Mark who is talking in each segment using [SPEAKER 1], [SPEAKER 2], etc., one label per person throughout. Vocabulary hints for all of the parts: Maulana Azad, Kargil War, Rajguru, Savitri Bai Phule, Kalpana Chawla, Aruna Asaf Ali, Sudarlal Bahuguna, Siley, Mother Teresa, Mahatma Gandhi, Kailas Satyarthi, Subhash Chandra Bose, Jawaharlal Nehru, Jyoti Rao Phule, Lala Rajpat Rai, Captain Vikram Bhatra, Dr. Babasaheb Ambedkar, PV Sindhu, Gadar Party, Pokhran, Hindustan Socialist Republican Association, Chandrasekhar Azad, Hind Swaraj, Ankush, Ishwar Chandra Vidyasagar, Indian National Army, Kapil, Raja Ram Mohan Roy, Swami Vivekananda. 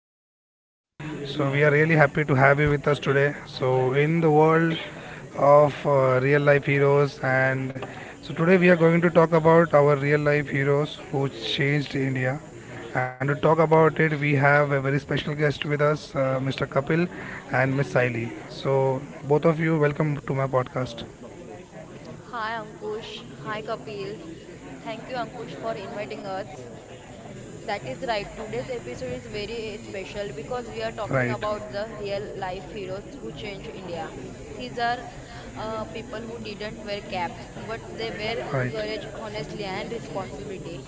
[SPEAKER 1] to my podcast. We are really happy to have you with us today. So, in the world of real life heroes, and so today we are going to talk about our real life heroes who changed India. And to talk about it, we have a very special guest with us, Mr. Kapil and Miss Saili. So, both of you, welcome to my podcast.
[SPEAKER 2] Hi Ankush, hi Kapil. Thank you Ankush for inviting us. That is right. Today's episode is very special because we are talking
[SPEAKER 1] Right,
[SPEAKER 2] about the real life heroes who changed India. These are people who didn't wear caps, but they wear
[SPEAKER 1] right.
[SPEAKER 2] courage, honestly, and responsibility.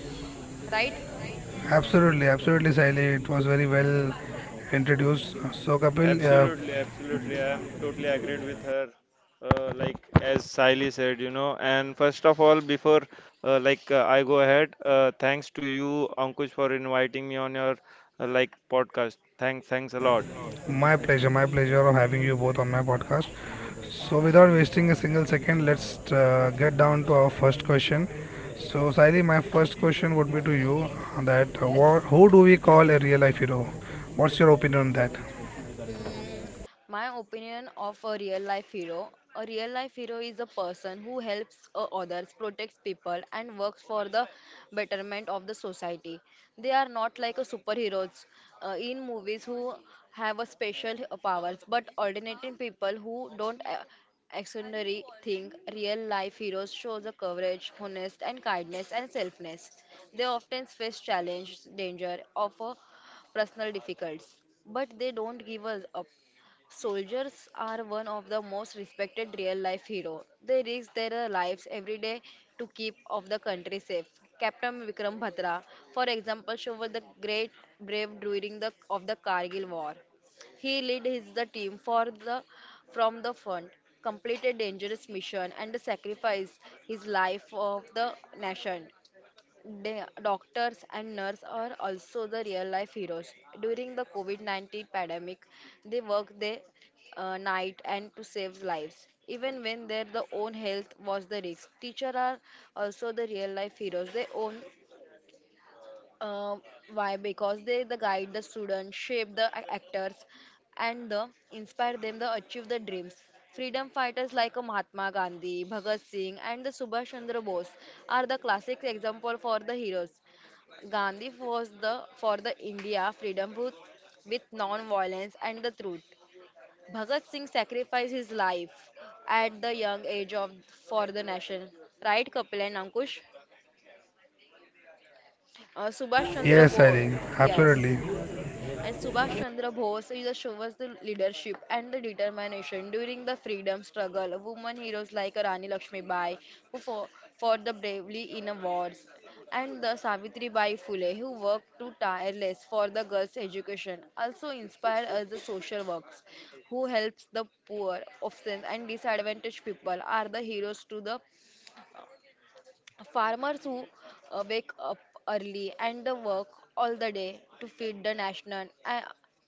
[SPEAKER 2] Right?
[SPEAKER 1] Absolutely, absolutely, Saili. It was very well introduced. So, Kapil,
[SPEAKER 3] Absolutely, absolutely. I am totally agreed with her. Like as Siley said. And first of all, before I go ahead, thanks to you, Ankush, for inviting me on your podcast. Thanks a lot.
[SPEAKER 1] my pleasure, my pleasure of having you both on my podcast. So, without wasting a single second, let's get down to our first question. So, Saili, my first question would be to you that
[SPEAKER 2] Yes.
[SPEAKER 1] who do we call a real life hero? What's your opinion on that?
[SPEAKER 2] Mm, my opinion of a real life hero. A real life hero is a person who helps others, protects people, and works for the betterment of the society. They are not like a superheroes in movies who have a special powers, but ordinary people who don't extraordinary thing. Real life heroes show the courage, honest, and kindness and selfness. They often face challenge, danger of a personal difficulties, but they don't give us up. Soldiers are one of the most respected real-life hero. They risk their lives every day to keep of the country safe. Captain Vikram Bhatra, for example, showed the great brave during the of the Kargil War. He led his the team for the from the front, completed dangerous mission and sacrificed his life of the nation. They, doctors and nurses are also the real life heroes. During the COVID 19 pandemic, they worked day night and to save lives. Even when their the own health was the risk, teachers are also the real life heroes. They own uh, why? Because they the guide the students, shape the actors, and the inspire them to achieve the dreams. Freedom fighters like Mahatma Gandhi, Bhagat Singh, and the Subhash Chandra Bose are the classic example for the heroes. Gandhi was the for the India freedom with non-violence and the truth. Bhagat Singh sacrificed his life at the young age of for the nation. Right, Kapil and Ankush? Subhash Chandra
[SPEAKER 1] Yes,
[SPEAKER 2] Bose.
[SPEAKER 1] Saili,
[SPEAKER 2] Yes.
[SPEAKER 1] absolutely.
[SPEAKER 2] And Subhash Chandra Bose he just shows the leadership and the determination during the freedom struggle. Women heroes like Rani Lakshmibai, who fought for the bravely in a wars, and the Savitri Bai Phule, who worked to tireless for the girls' education, also inspire us the social works, who helps the poor, orphans, and disadvantaged people are the heroes to the Farmers who wake up early and the work all the day to feed the nation uh,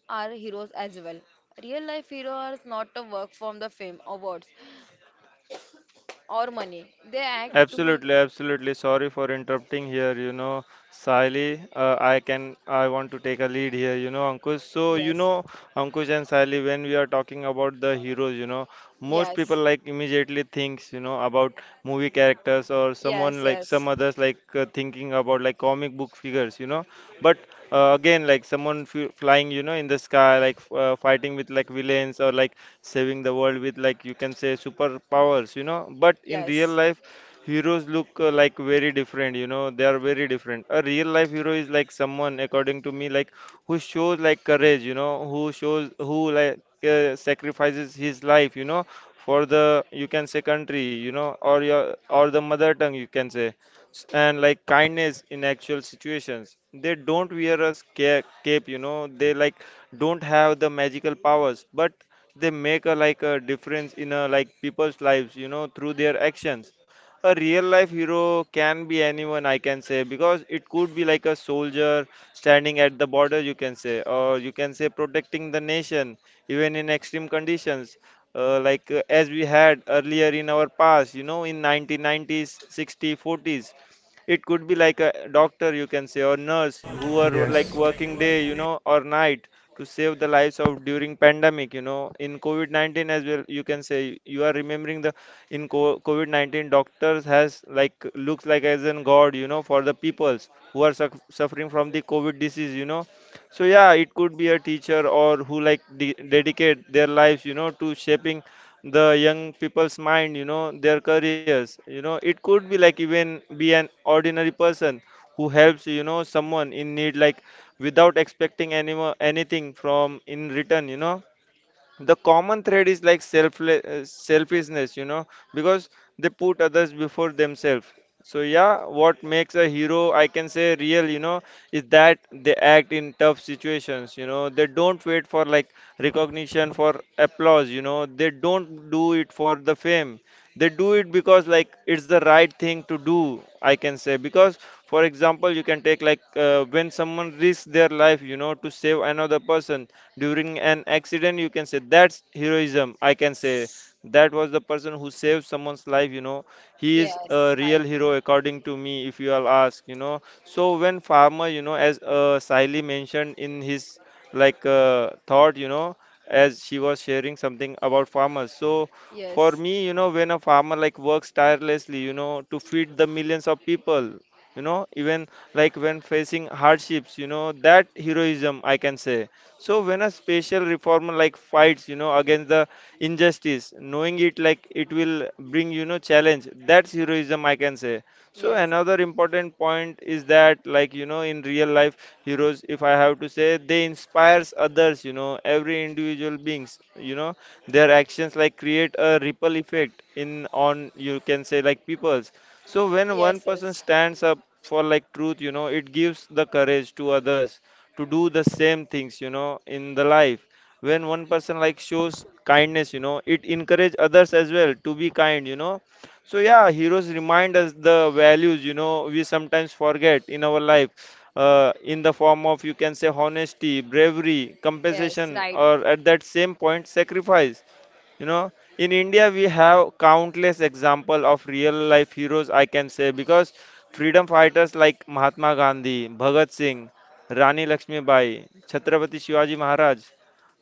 [SPEAKER 2] are heroes as well. Real life heroes not a work from the fame, awards, or money. They act to
[SPEAKER 3] Absolutely, absolutely. Sorry for interrupting here. You know, Sally, I want to take a lead here. You know, Ankush. So, you
[SPEAKER 2] yes,
[SPEAKER 3] know, Ankush and Sally, when we are talking about the heroes, you know, most people
[SPEAKER 2] yes,
[SPEAKER 3] like immediately thinks, you know, about movie characters or
[SPEAKER 2] yes,
[SPEAKER 3] someone like some
[SPEAKER 2] yes,
[SPEAKER 3] others like thinking about like comic book figures, you know. But again, like someone f flying, you know, in the sky, like fighting with like villains or like saving the world with like you can say superpowers, you know. But in real
[SPEAKER 2] yes,
[SPEAKER 3] life heroes look like very different, you know, they are very different. A real life hero is like someone according to me like who shows like courage, you know, who shows who like sacrifices his life, you know, for the you can say country, you know, or your or the mother tongue you can say and like kindness in actual situations. They don't wear a cape, you know, they like don't have the magical powers, but they make a like a difference in a like people's lives, you know, through their actions. A real life hero can be anyone, I can say, because it could be like a soldier standing at the border you can say, or you can say protecting the nation even in extreme conditions, as we had earlier in our past, you know, in 1990s, 60s, 40s. It could be like a doctor you can say, or nurse who are like
[SPEAKER 1] Yes,
[SPEAKER 3] working day, you know, or night to save the lives of during pandemic, you know, in covid-19 as well, you can say you are remembering the COVID-19, doctors has like looks like as in God, you know, for the peoples who are suffering from the COVID disease, you know. So yeah, it could be a teacher or who like de dedicate their lives, you know, to shaping the young people's mind, you know, their careers. You know, it could be like even be an ordinary person who helps, you know, someone in need, like without expecting anything from in return, you know. The common thread is like selfishness, you know, because they put others before themselves. So yeah, what makes a hero I can say real, you know, is that they act in tough situations, you know. They don't wait for like recognition for applause, you know, they don't do it for the fame. They do it because like it's the right thing to do, I can say. Because for example, you can take like when someone risks their life, you know, to save another person during an accident, you can say that's heroism, I can say. That was the person who saved someone's life, you know, he is a
[SPEAKER 2] yes,
[SPEAKER 3] real
[SPEAKER 2] right,
[SPEAKER 3] hero according to me if you all ask, you know. So when farmer, you know, as Siley mentioned in his like thought, you know, as she was sharing something about farmers. So for
[SPEAKER 2] yes,
[SPEAKER 3] me, you know, when a farmer like works tirelessly, you know, to feed the millions of people, you know, even like when facing hardships, you know, that heroism I can say. So when a special reformer like fights, you know, against the injustice, knowing it like it will bring, you know, challenge, that's heroism I can say. So
[SPEAKER 2] yes,
[SPEAKER 3] another important point is that like, you know, in real life heroes, if I have to say, they inspires others, you know, every individual beings, you know, their actions like create a ripple effect in on you can say like peoples. So when one
[SPEAKER 2] yes,
[SPEAKER 3] person
[SPEAKER 2] yes,
[SPEAKER 3] stands up for like truth, you know, it gives the courage to others to do the same things, you know, in the life. When one person like shows kindness, you know, it encourage others as well to be kind, you know. So yeah, heroes remind us the values, you know, we sometimes forget in our life, in the form of you can say honesty, bravery,
[SPEAKER 2] yes,
[SPEAKER 3] compensation,
[SPEAKER 2] right,
[SPEAKER 3] or at that same point sacrifice. You know, in India we have countless example of real life heroes I can say, because freedom fighters like Mahatma Gandhi, Bhagat Singh, Rani Lakshmibai, Chhatrapati Shivaji Maharaj,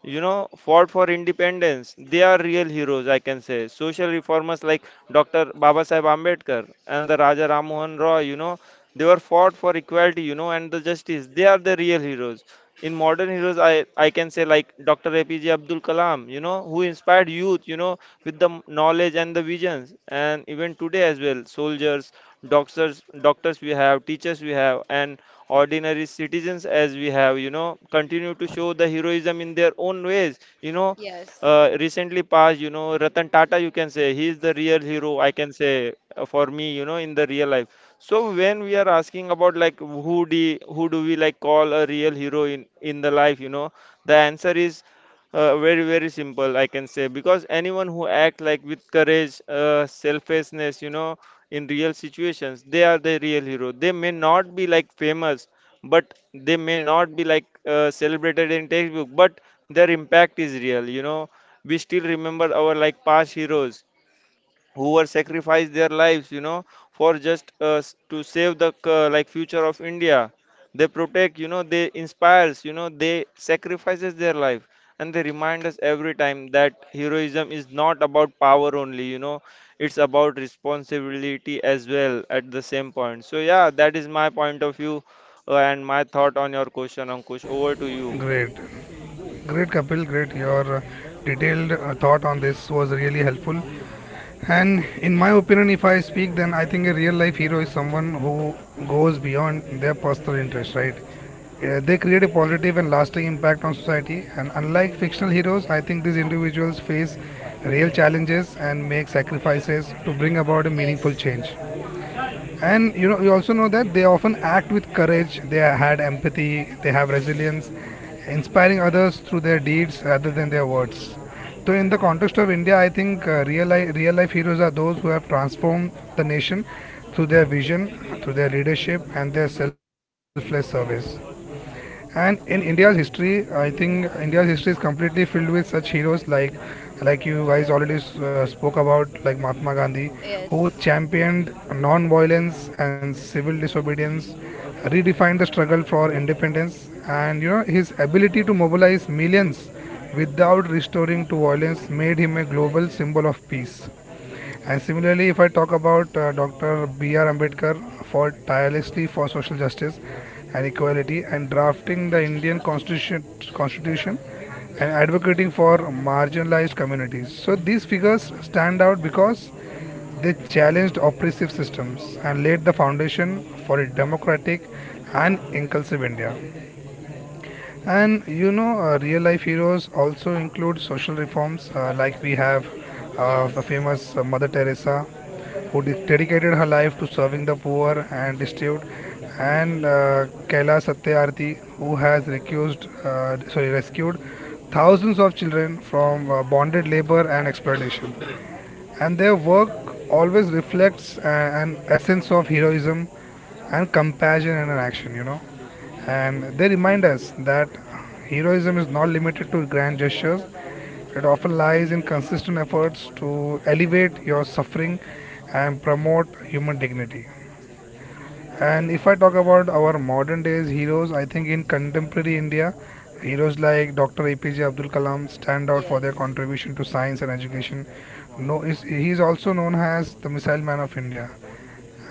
[SPEAKER 3] you know, fought for independence. They are real heroes, I can say. Social reformers like Dr. Babasaheb Ambedkar and the Raja Ram Mohan Roy, you know, they were fought for equality, you know, and the justice. They are the real heroes. In modern heroes I can say like Dr. APJ Abdul Kalam, you know, who inspired youth, you know, with the knowledge and the visions. And even today as well, soldiers, doctors, we have, teachers we have, and ordinary citizens as we have, you know, continue to show the heroism in their own ways, you know.
[SPEAKER 2] yes,
[SPEAKER 3] Recently passed, you know, Ratan Tata you can say, he is the real hero I can say, for me, you know, in the real life. So when we are asking about like who do we like call a real hero in the life, you know, the answer is very simple I can say, because anyone who act like with courage, selflessness, you know, in real situations, they are the real hero. They may not be like famous, but they may not be like celebrated in textbook, but their impact is real. You know, we still remember our like past heroes who were sacrificed their lives, you know, for just to save the like future of India. They protect, you know, they inspires, you know, they sacrifices their life, and they remind us every time that heroism is not about power only, you know, it's about responsibility as well at the same point. So yeah, that is my point of view and my thought on your question, Ankush. Over to you.
[SPEAKER 1] great. Great, Kapil, great. Your detailed thought on this was really helpful. And in my opinion, if I speak, then I think a real life hero is someone who goes beyond their personal interest, right? They create a positive and lasting impact on society. And unlike fictional heroes, I think these individuals face real challenges and make sacrifices to bring about a meaningful
[SPEAKER 2] yes,
[SPEAKER 1] change. And you know, you also know that they often act with courage. They had empathy. They have resilience, inspiring others through their deeds rather than their words. So, in the context of India, I think real life heroes are those who have transformed the nation through their vision, through their leadership, and their selfless service. And in India's history, I think India's history is completely filled with such heroes like you guys already spoke about, like Mahatma Gandhi, who
[SPEAKER 2] yes,
[SPEAKER 1] championed non-violence and civil disobedience, redefined the struggle for independence, and you know his ability to mobilize millions without restoring to violence made him a global symbol of peace. And similarly, if I talk about Dr. B.R. Ambedkar for tirelessly for social justice and equality and drafting the Indian constitution, constitution and advocating for marginalized communities. So these figures stand out because they challenged oppressive systems and laid the foundation for a democratic and inclusive India. And you know, real life heroes also include social reforms, like we have the
[SPEAKER 2] yes,
[SPEAKER 1] famous Mother Teresa, who dedicated her life to serving the poor and destitute, and Kailas Satyarthi, who has recused, sorry, rescued thousands of children from bonded labor and exploitation, and their work always reflects an essence of heroism and compassion in an action, you know. And they remind us that heroism is not limited to grand gestures, it often lies in consistent efforts to elevate your suffering and promote human dignity. And
[SPEAKER 2] okay,
[SPEAKER 1] if I talk about our modern days heroes, I think in contemporary India, heroes like Dr. APJ Abdul Kalam stand out for their
[SPEAKER 2] yes,
[SPEAKER 1] contribution to science and education. No, is he is also known as the Missile Man of India.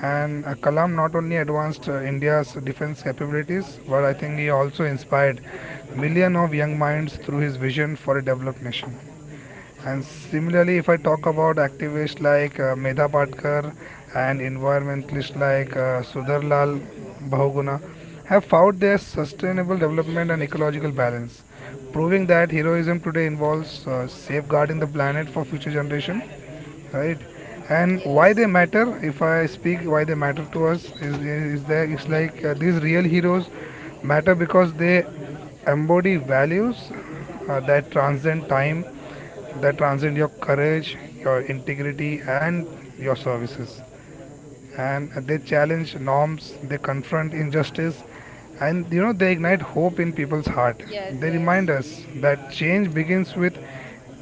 [SPEAKER 1] And Kalam not only advanced India's defense capabilities, but I think he also inspired millions of young minds through his vision for a developed nation. And similarly, if I talk about activists like Medha Patkar and environmentalists like Sudarlal Bahuguna, have fought their sustainable development and ecological balance, proving that heroism today involves safeguarding the planet for future generation, right? And why they
[SPEAKER 2] yes.
[SPEAKER 1] matter, if I speak, why they matter to us is that it's like these real heroes matter because they embody values that transcend time, that transcend your courage, your integrity, and your services. And they challenge norms, they confront injustice, and you know, they ignite hope in people's heart.
[SPEAKER 2] Yes,
[SPEAKER 1] They remind
[SPEAKER 2] yes.
[SPEAKER 1] us that change begins with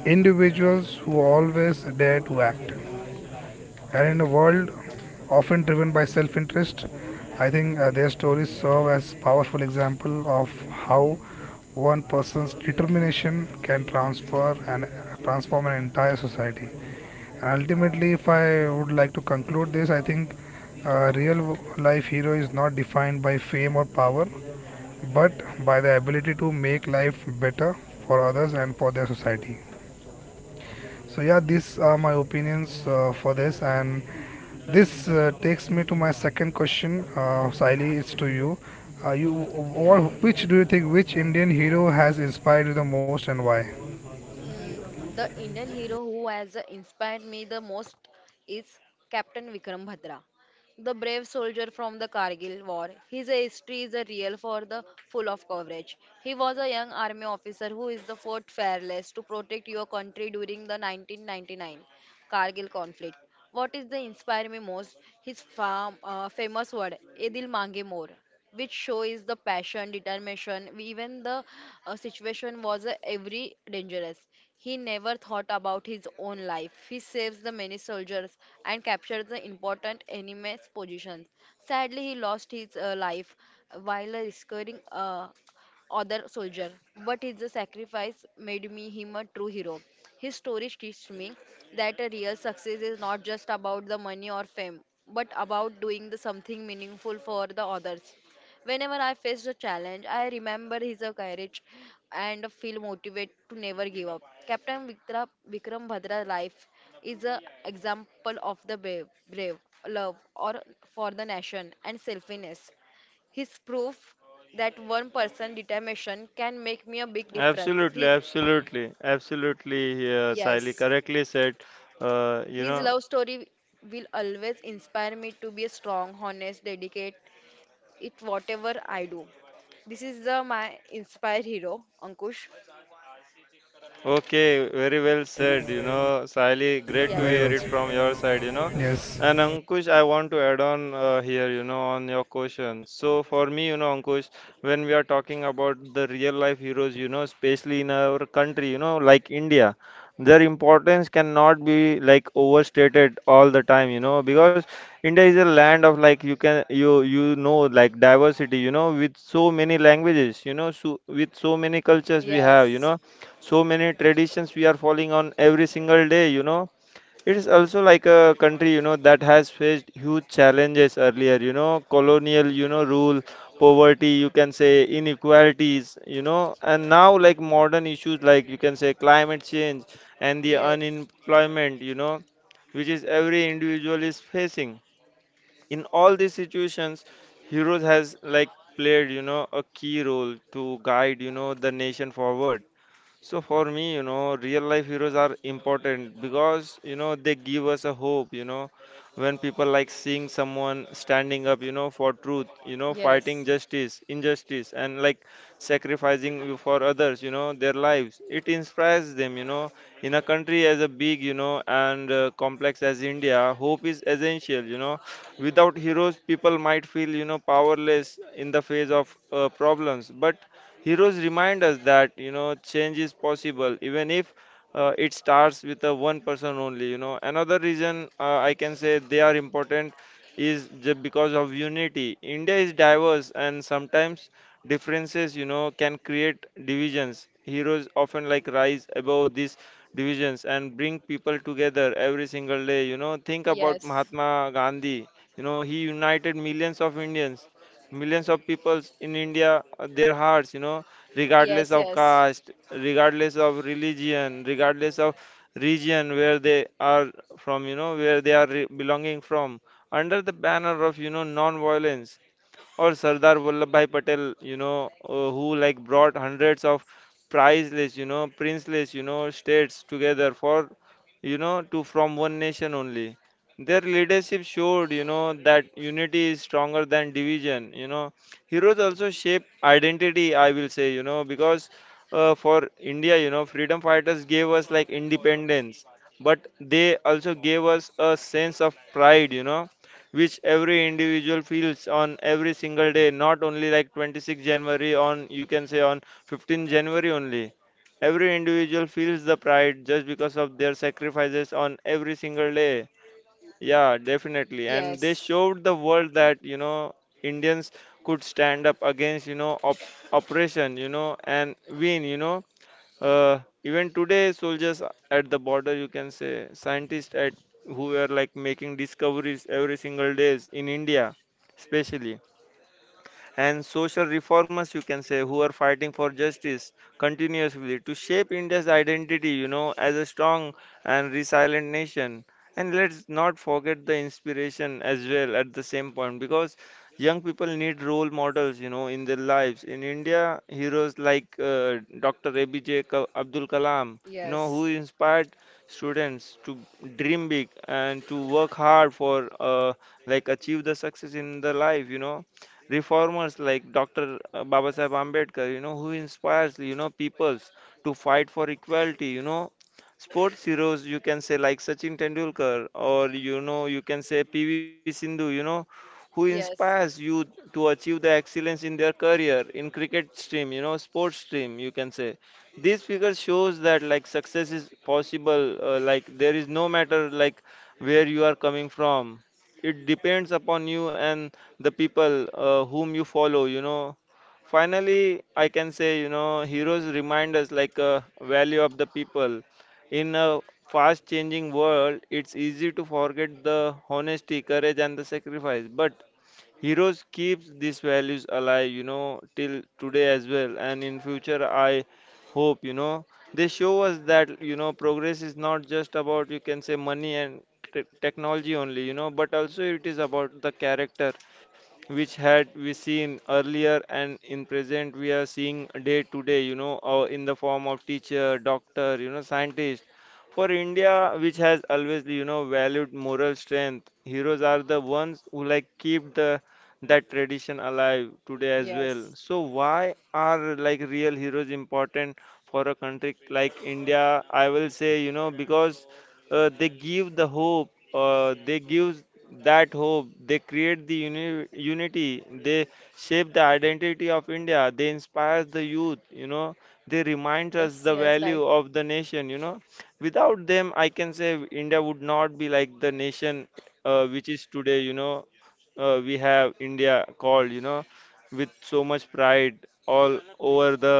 [SPEAKER 1] individuals who always dare to act. And in a world often driven by self-interest, I think their stories serve as powerful example of how one person's determination can transfer and transform an entire society. And ultimately, if I would like to conclude this, I think a real life hero is not defined by fame or power, but by the ability to make life better for others and for their society. So yeah, these are my opinions for this, and this takes me to my second question, Saili. It's to you. You or which do you think, which Indian hero has inspired you the most and why?
[SPEAKER 2] Mm, the Indian hero who has inspired me the most is Captain Vikram Bhadra, the brave soldier from the Kargil War. His history is a real for the full of coverage. He was a young army officer who is the fought fearless to protect your country during the 1999 Kargil conflict. What is the inspire me most? His famous word, "Ye dil mange more," which shows the passion, determination, even the situation was every dangerous. He never thought about his own life. He saves the many soldiers and captures the important enemy's positions. Sadly, he lost his life while rescuing other soldier. But his sacrifice made me him a true hero. His story teaches me that a real success is not just about the money or fame, but about doing the something meaningful for the others. Whenever I face a challenge, I remember his courage and feel motivated to never give up. Vikram Bhadra's life is an example of the brave love or for the nation and selflessness. His proof that one person determination can make me a big difference.
[SPEAKER 3] Absolutely,
[SPEAKER 2] His
[SPEAKER 3] absolutely, absolutely, Sally
[SPEAKER 2] yes,
[SPEAKER 3] correctly said. Uh, you
[SPEAKER 2] his
[SPEAKER 3] know,
[SPEAKER 2] love story will always inspire me to be a strong, honest, dedicated, it whatever I do. This is the my inspire hero, Ankush.
[SPEAKER 3] Okay, very well said, you know, Sally, great to
[SPEAKER 1] Very
[SPEAKER 3] hear
[SPEAKER 2] Yes,
[SPEAKER 1] well
[SPEAKER 3] it from
[SPEAKER 1] said.
[SPEAKER 3] your side, you know.
[SPEAKER 1] Yes,
[SPEAKER 3] And Ankush, I want to add on here, you know, on your question. So for me, you know, Ankush, when we are talking about the real life heroes, you know, especially in our country, you know, like India, their importance cannot be like overstated all the time, you know, because India is a land of like you know like diversity, you know, with so many languages, you know, so with so many cultures we have, you
[SPEAKER 2] yes,
[SPEAKER 3] know, so many traditions we are following on every single day, you know. It is also like a country, you know, that has faced huge challenges earlier, you know, colonial, you know, rule, poverty you can say, inequalities, you know, and now like modern issues like you can say climate change and the
[SPEAKER 2] yes,
[SPEAKER 3] unemployment, you know, which is every individual is facing in all these situations. Heroes has like played, you know, a key role to guide, you know, the nation forward. So for me, you know, real life heroes are important because, you know, they give us a hope, you know, when people like seeing someone standing up, you know, for truth, you know, fighting
[SPEAKER 2] yes,
[SPEAKER 3] justice, injustice, and like sacrificing for others, you know, their lives. It inspires them, you know, in a country as a big, you know, and complex as India, hope is essential, you know. Without heroes, people might feel, you know, powerless in the face of problems, but heroes remind us that you know change is possible, even if it starts with a one person only. You know, another reason I can say they are important is just because of unity. India is diverse, and sometimes differences you know can create divisions. Heroes often like rise above these divisions and bring people together every single day. You know, think about
[SPEAKER 2] yes,
[SPEAKER 3] Mahatma Gandhi. You know, he united millions of Indians millions of peoples in India, their hearts, you know, regardless
[SPEAKER 2] yes,
[SPEAKER 3] of
[SPEAKER 2] yes,
[SPEAKER 3] caste, regardless of religion, regardless of region where they are from, you know, where they are belonging from, under the banner of, you know, non-violence, or Sardar Vallabhbhai Patel, you know, who like brought hundreds of priceless, you know, princeless, you know, states together for, you know, to from one nation only. Their leadership showed, you know, that unity is stronger than division. You know, heroes also shape identity, I will say, you know, because for India, you know, freedom fighters gave us like independence, but they also gave us a sense of pride. Which every individual feels on every single day, not only like 26 January on you can say on 15 January only. Every individual feels the pride just because of their sacrifices on every single day. Yeah, definitely. And they
[SPEAKER 2] yes,
[SPEAKER 3] showed the world that, Indians could stand up against, oppression, and win. Even today, soldiers at the border, you can say, scientists at who are like making discoveries every single days in India, especially and social reformers you can say who are fighting for justice continuously to shape India's identity you know as a strong and resilient nation. And let's not forget the inspiration as well at the same point, because young people need role models you know in their lives. In India, heroes like Dr. ABJ Abdul Kalam you know
[SPEAKER 2] yes,
[SPEAKER 3] who inspired students to dream big and to work hard for like achieve the success in their life you know. Reformers like Dr. Babasaheb Ambedkar, you know, who inspires, you know, peoples to fight for equality, you know, sports heroes, you can say like Sachin Tendulkar, or you know, you can say PV Sindhu, you know, who inspires
[SPEAKER 2] yes,
[SPEAKER 3] you to achieve the excellence in their career in cricket stream, you know, sports stream, you can say. This figure shows that like success is possible, like there is no matter like where you are coming from. It depends upon you and the people whom you follow you know. Finally I can say you know heroes remind us like value of the people in a fast changing world. It's easy to forget the honesty, courage and the sacrifice, but heroes keeps these values alive you know till today as well, and in future I hope you know they show us that you know progress is not just about you can say money and technology only you know, but also it is about the character, which had we seen earlier and in present we are seeing day to day you know in the form of teacher, doctor, you know, scientist for India, which has always you know valued moral strength. Heroes are the ones who like keep the that tradition alive today as well.
[SPEAKER 2] yes,
[SPEAKER 3] So why are like real heroes important for a country like India? I will say you know because they give the hope, they give that hope, they create the unity, they shape the identity of India, they inspire the youth you know, they remind us
[SPEAKER 2] yes,
[SPEAKER 3] the
[SPEAKER 2] yes, right.
[SPEAKER 3] value of the nation you know. Without them I can say India would not be like the nation which is today you know. We have India called you know with so much pride all over the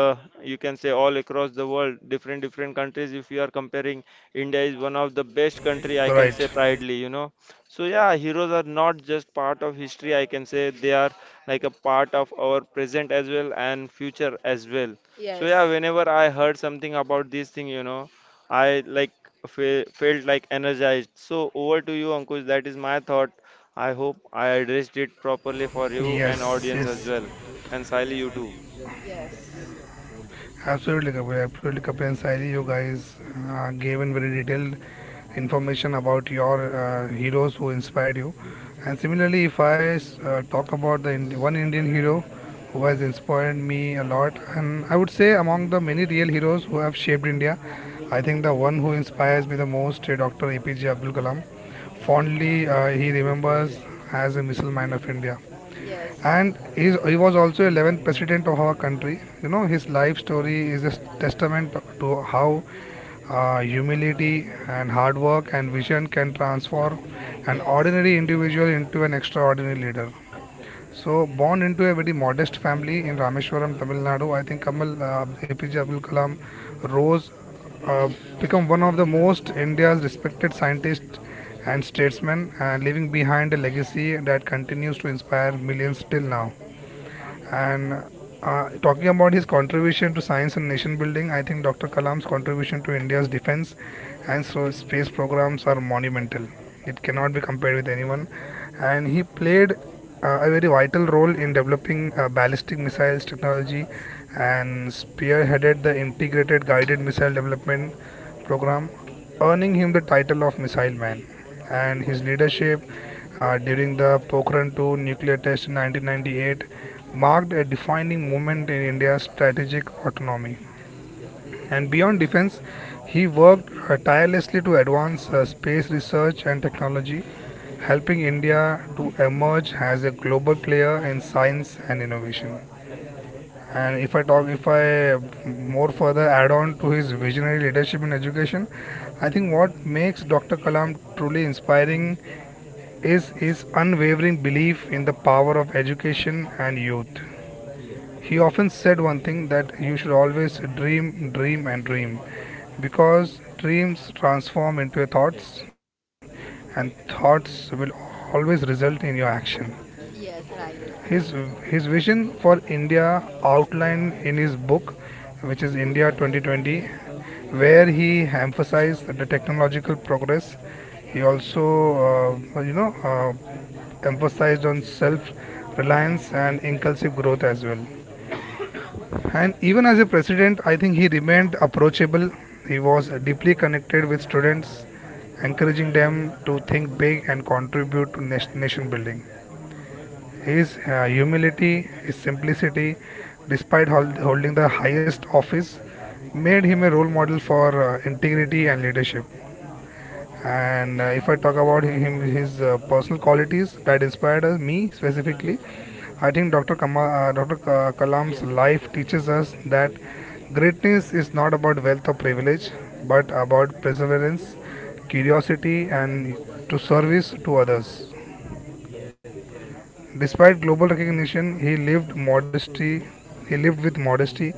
[SPEAKER 3] you can say all across the world. Different different countries if you are comparing, India is one of the best country I can say
[SPEAKER 1] right.
[SPEAKER 3] proudly, you know. So yeah, heroes are not just part of history, I can say they are like a part of our present as well and future as well. So yeah,
[SPEAKER 2] Yes,
[SPEAKER 3] whenever I heard something about this thing, you know, I like fe felt like energized. So over to you, Ankush. That is my thought. I hope I addressed it properly for you and
[SPEAKER 1] Yes,
[SPEAKER 3] audience as
[SPEAKER 1] yes.
[SPEAKER 3] well. And Sally, you too.
[SPEAKER 2] yes,
[SPEAKER 1] Absolutely, Kapil. Absolutely, Kapil and Sairi, you guys gave in very detailed information about your heroes who inspired you. And similarly, if I talk about the one Indian hero who has inspired me a lot, and I would say among the many real heroes who have shaped India, I think the one who inspires me the most is Dr. APJ Abdul Kalam. Fondly, he remembers as a missile man of India,
[SPEAKER 2] yes,
[SPEAKER 1] and he was also 11th president of our country. You know, his life story is a testament to how humility and hard work and vision can transform an
[SPEAKER 2] yes,
[SPEAKER 1] ordinary individual into an extraordinary leader. So, born into a very modest family in Rameshwaram, Tamil Nadu, I think Kamal APJ Abdul Kalam rose, uh, become one of the most India's respected scientists and statesmen, and leaving behind a legacy that continues to inspire millions till now. And talking about his contribution to science and nation building, I think Dr. Kalam's contribution to India's defense and so space programs are monumental. It cannot be compared with anyone. And he played a very vital role in developing ballistic missiles technology and spearheaded the integrated guided missile development program, earning him the title of Missile Man. And his leadership during the Pokhran 2 nuclear test in 1998 marked a defining moment in India's strategic autonomy. And beyond defense, he worked tirelessly to advance space research and technology, helping India to emerge as a global player in science and innovation. And if I more further add on to his visionary leadership in education, I think what makes Dr. Kalam truly inspiring is his unwavering belief in the power of education and youth. He often said one thing that you should always dream, dream, and dream because dreams transform into thoughts, and thoughts will always result in your action.
[SPEAKER 2] yes, right.
[SPEAKER 1] His his vision for India outlined in his book, which is India 2020, where he emphasized the technological progress. He also, you know, emphasized on self reliance and inclusive growth as well. And even as a president, I think he remained approachable. He was deeply connected with students, encouraging them to think big and contribute to nation building. His humility, his simplicity, despite holding the highest office, made him a role model for integrity and leadership. And if I talk about him, his personal qualities that inspired us, me specifically, I think Dr. Kama, uh, Dr. Ka- Kalam's life teaches us that greatness is not about wealth or privilege, but about perseverance, curiosity, and to service to others. Despite global recognition, he lived modesty. He lived with modesty,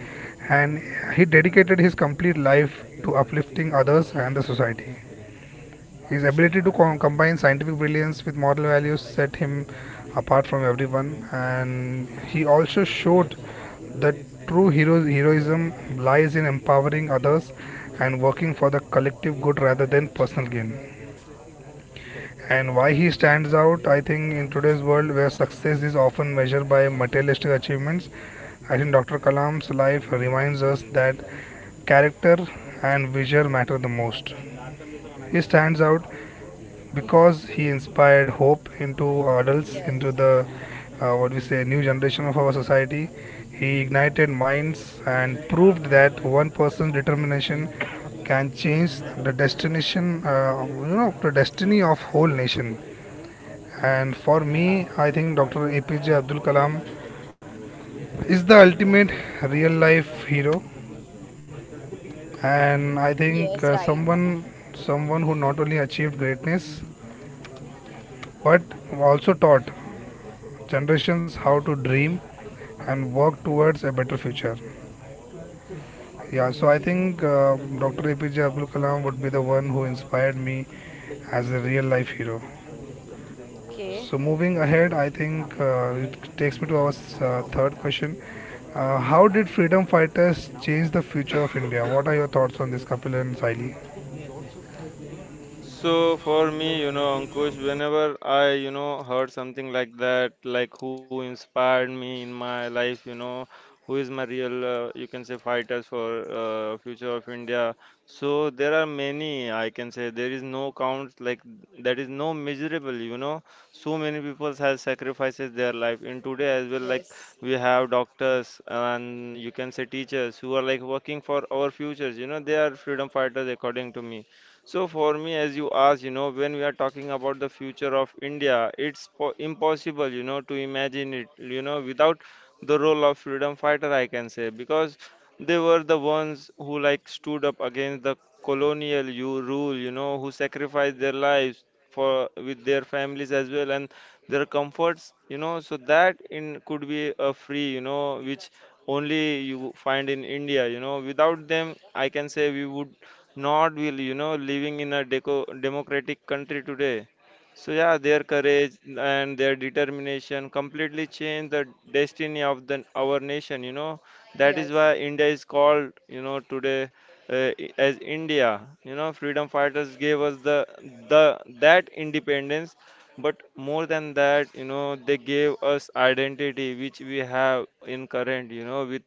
[SPEAKER 1] and he dedicated his complete life to uplifting others and the society. His ability to combine scientific brilliance with moral values set him apart from everyone, and he also showed that true heroism lies in empowering others and working for the collective good rather than personal gain. And why he stands out, I think, in today's world where success is often measured by materialistic achievements, I think Dr. Kalam's life reminds us that character and vision matter the most. He stands out because he inspired hope into adults, into
[SPEAKER 2] Yes,
[SPEAKER 1] the new generation of our society. He ignited minds and proved that one person's determination can change the destination, the destiny of whole nation. And for me, I think Dr. APJ Abdul Kalam is the ultimate real life hero. And I think
[SPEAKER 2] yes, right.
[SPEAKER 1] someone who not only achieved greatness but also taught generations how to dream and work towards a better future. Yeah, so I
[SPEAKER 2] Okay.
[SPEAKER 1] think Dr. APJ Abdul Kalam would be the one who inspired me as a real life hero.
[SPEAKER 2] Okay.
[SPEAKER 1] So moving ahead, I think it takes me to our third question. How did freedom fighters change the future of India? What are your thoughts on this, Kapil and Saili?
[SPEAKER 3] So for me, you know, Ankush, whenever I, you know, heard something like that, like who inspired me in my life, you know, who is my real, you can say, fighters for future of India. So there are many, I can say, there is no count, like that is no measurable, you know. So many people have sacrifices their life. In today as well, like
[SPEAKER 2] Yes,
[SPEAKER 3] we have doctors and you can say teachers who are like working for our futures, you know, they are freedom fighters according to me. So for me, as you asked, you know, when we are talking about the future of India, it's po impossible, you know, to imagine it, you know, without the role of freedom fighter, I can say, because they were the ones who like stood up against the colonial you rule, you know, who sacrificed their lives for with their families as well and their comforts, you know, so that in could be a free, you know, which only you find in India, you know. Without them, I can say we would not will you know living in a deco democratic country today. So yeah, their courage and their determination completely changed the destiny of the our nation you know. That is why
[SPEAKER 2] yes,
[SPEAKER 3] India is called you know today as India you know. Freedom fighters gave us the that independence, but more than that you know they gave us identity which we have in current you know with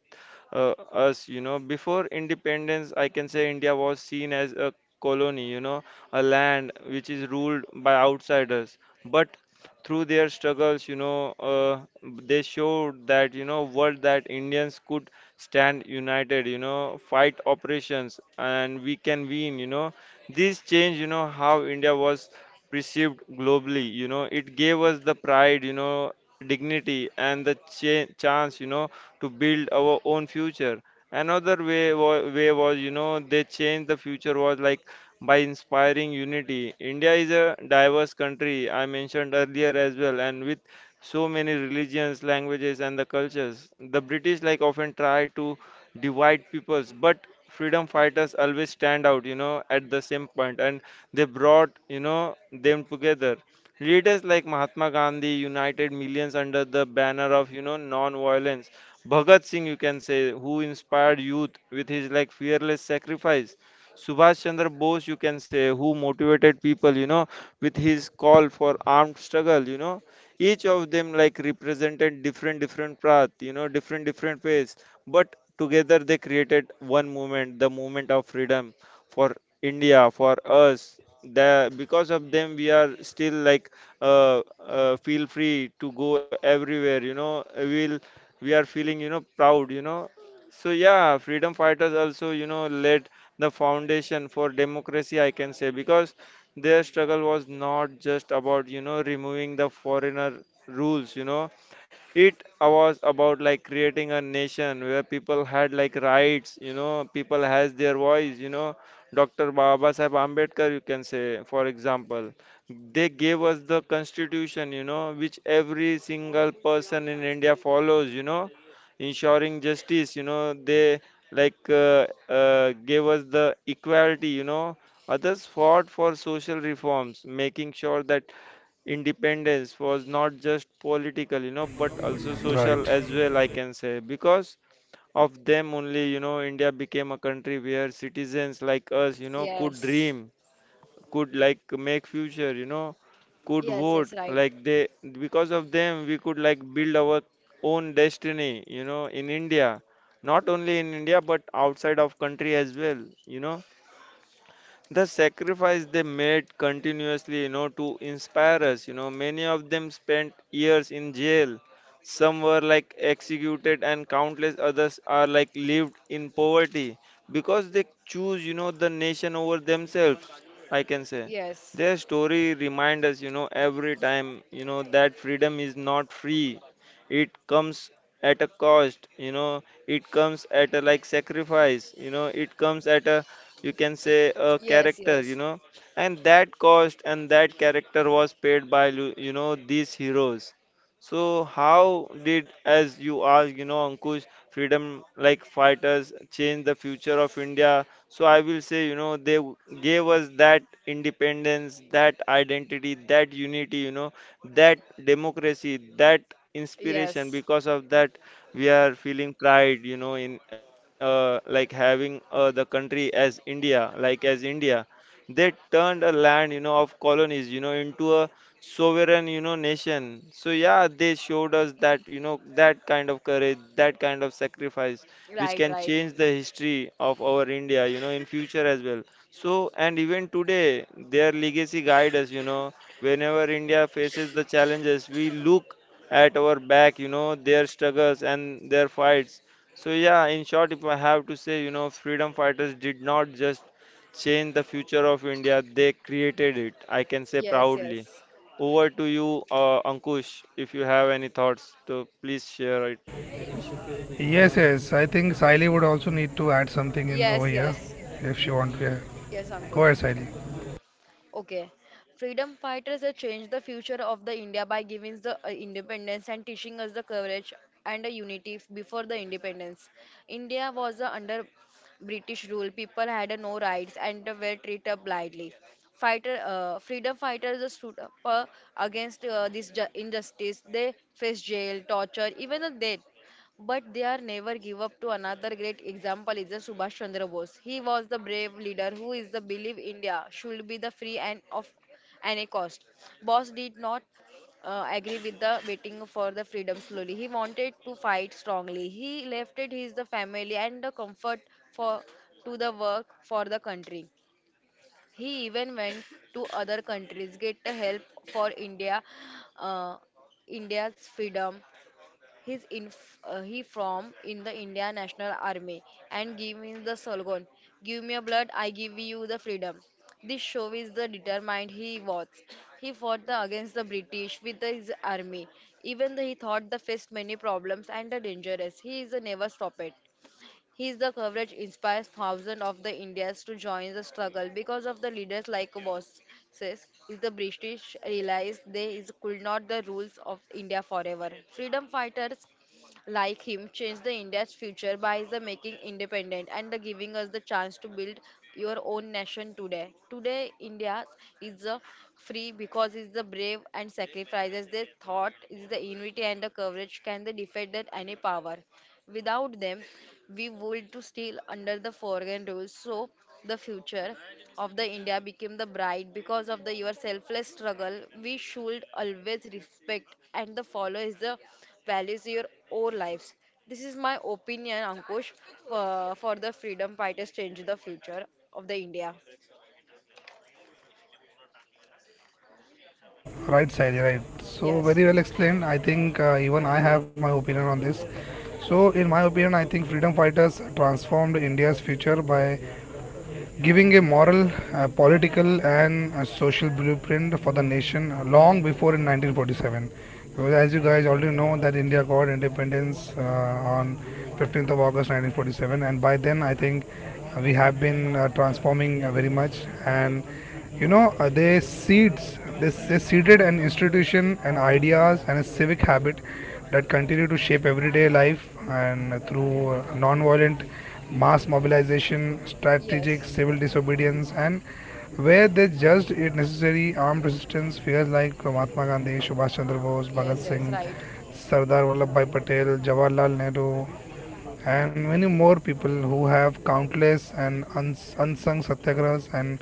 [SPEAKER 3] us, you know. Before independence, I can say India was seen as a colony, you know, a land which is ruled by outsiders. But through their struggles, you know, they showed that, you know, world that Indians could stand united, you know, fight oppressions, and we can win, you know. This change, you know, how India was perceived globally, you know, it gave us the pride, you know, dignity and the chance, you know, to build our own future. Another way way was you know they changed the future was like by inspiring unity. India is a diverse country I mentioned earlier as well, and with so many religions, languages, and the cultures. The British like often try to divide peoples, but freedom fighters always stand out, you know, at the same point, and they brought you know them together. Leaders like Mahatma Gandhi united millions under the banner of you know non-violence, Bhagat Singh, you can say, who inspired youth with his like fearless sacrifice. Subhash Chandra Bose, you can say, who motivated people, you know, with his call for armed struggle, you know. Each of them like represented different, different path, you know, different, different ways. But together they created one movement, the movement of freedom for India, for us. The, because of them, we are still like feel free to go everywhere. You know, we are feeling you know proud you know. So yeah, freedom fighters also you know laid the foundation for democracy I can say, because their struggle was not just about you know removing the foreigner rules you know. It was about like creating a nation where people had like rights you know, people has their voice you know. Dr. Baba Sahib Ambedkar you can say, for example, they gave us the constitution, you know, which every single person in India follows, you know, ensuring justice, you know, they like gave us the equality, you know. Others fought for social reforms, making sure that independence was not just political, you know, but also social
[SPEAKER 1] Right.
[SPEAKER 3] as well, I can say. Because of them only, you know, India became a country where citizens like us, you know, could
[SPEAKER 2] yes,
[SPEAKER 3] dream, could like make future you know, could
[SPEAKER 2] yes, yes,
[SPEAKER 3] vote
[SPEAKER 2] right.
[SPEAKER 3] like they, because of them we could like build our own destiny you know in India, not only in India but outside of country as well you know. The sacrifice they made continuously you know to inspire us you know, many of them spent years in jail, some were like executed and countless others are like lived in poverty because they choose you know the nation over themselves I can say.
[SPEAKER 2] Yes,
[SPEAKER 3] Their story remind us you know every time you know that freedom is not free. It comes at a cost you know, it comes at a like sacrifice you know, it comes at a you can say a
[SPEAKER 2] yes,
[SPEAKER 3] character you
[SPEAKER 2] yes,
[SPEAKER 3] know. And that cost and that character was paid by you know these heroes. So how did as you ask you know Ankush freedom like fighters change the future of India? So I will say you know gave us that independence, that identity, that unity you know, that democracy, that inspiration.
[SPEAKER 2] Yes.
[SPEAKER 3] Because of that we are feeling pride you know in like having the country as India, like as India. They turned a land you know of colonies you know into a sovereign you know nation. So yeah, they showed us that you know that kind of courage, that kind of sacrifice which
[SPEAKER 2] Right,
[SPEAKER 3] can
[SPEAKER 2] right.
[SPEAKER 3] change the history of our India you know in future as well. So and even today their legacy guide us you know whenever India faces the challenges, we look at our back, you know, their struggles and their fights. So, yeah, in short, if I have to say, you know, freedom fighters did not just change the future of India, they created it, I can say
[SPEAKER 2] Yes,
[SPEAKER 3] proudly.
[SPEAKER 2] yes.
[SPEAKER 3] Over to you, Ankush, if you have any thoughts, so please share it.
[SPEAKER 1] Yes, yes. I think Saili would also need to add something in over
[SPEAKER 2] Yes,
[SPEAKER 1] here
[SPEAKER 2] yes.
[SPEAKER 1] if she wants to. Yeah.
[SPEAKER 2] Yes,
[SPEAKER 1] Go
[SPEAKER 2] Ankush.
[SPEAKER 1] ahead, Saili.
[SPEAKER 2] Okay. Freedom fighters have changed the future of the India by giving us the independence and teaching us the courage and the unity before the independence. India was under British rule. People had no rights and were treated blindly. Freedom fighters stood up against this injustice. They faced jail, torture, even a death. But they are never give up to another great example is the Subhash Chandra Bose. He was the brave leader who is the believe India should be the free and of any cost. Bose did not agree with the waiting for the freedom slowly. He wanted to fight strongly. He left it his the family and the comfort for to the work for the country. He even went to other countries get the help for India. Uh, India's freedom He's in he from in the India National Army and give me the slogan, "Give me your blood, I give you the freedom." This show is the determined he was. He fought the, against the British with his army, even though he thought the faced many problems and the dangerous. He is a never stopped. His the coverage inspires thousands of the Indians to join the struggle because of the leaders like Wasis. Is the British realized they is, could not the rules of India forever. Freedom fighters like him changed the India's future by the making independent and the giving us the chance to build your own nation today. Today India is the free because it's the brave and sacrifices they thought is the unity and the courage can they defeat that any power. Without them, we would to still under the foreign rules. So the future of the India became the bright because of the your selfless struggle. We should always respect and the follow is the values your own lives. This is my opinion, Ankush, for the freedom fighters change the future of the India.
[SPEAKER 1] Right, Saili. Right. So
[SPEAKER 2] Yes,
[SPEAKER 1] very well explained. I think even I have my opinion on this. So, in my opinion, I think freedom fighters transformed India's future by giving a moral, political, and social blueprint for the nation long before in 1947. Because as you guys already know, that India got independence on 15th of August 1947, and by then I think we have been transforming very much and they seeded an institution and ideas and a civic habit that continue to shape everyday life and through non-violent mass mobilization, strategic
[SPEAKER 2] yes,
[SPEAKER 1] civil disobedience, and where they judged it necessary, armed resistance figures like Mahatma Gandhi, Subhash Chandra Bose, Bhagat
[SPEAKER 2] yes, yes,
[SPEAKER 1] Singh,
[SPEAKER 2] right.
[SPEAKER 1] Sardar Vallabhbhai Patel, Jawaharlal Nehru, and many more people who have countless and unsung satyagrahas and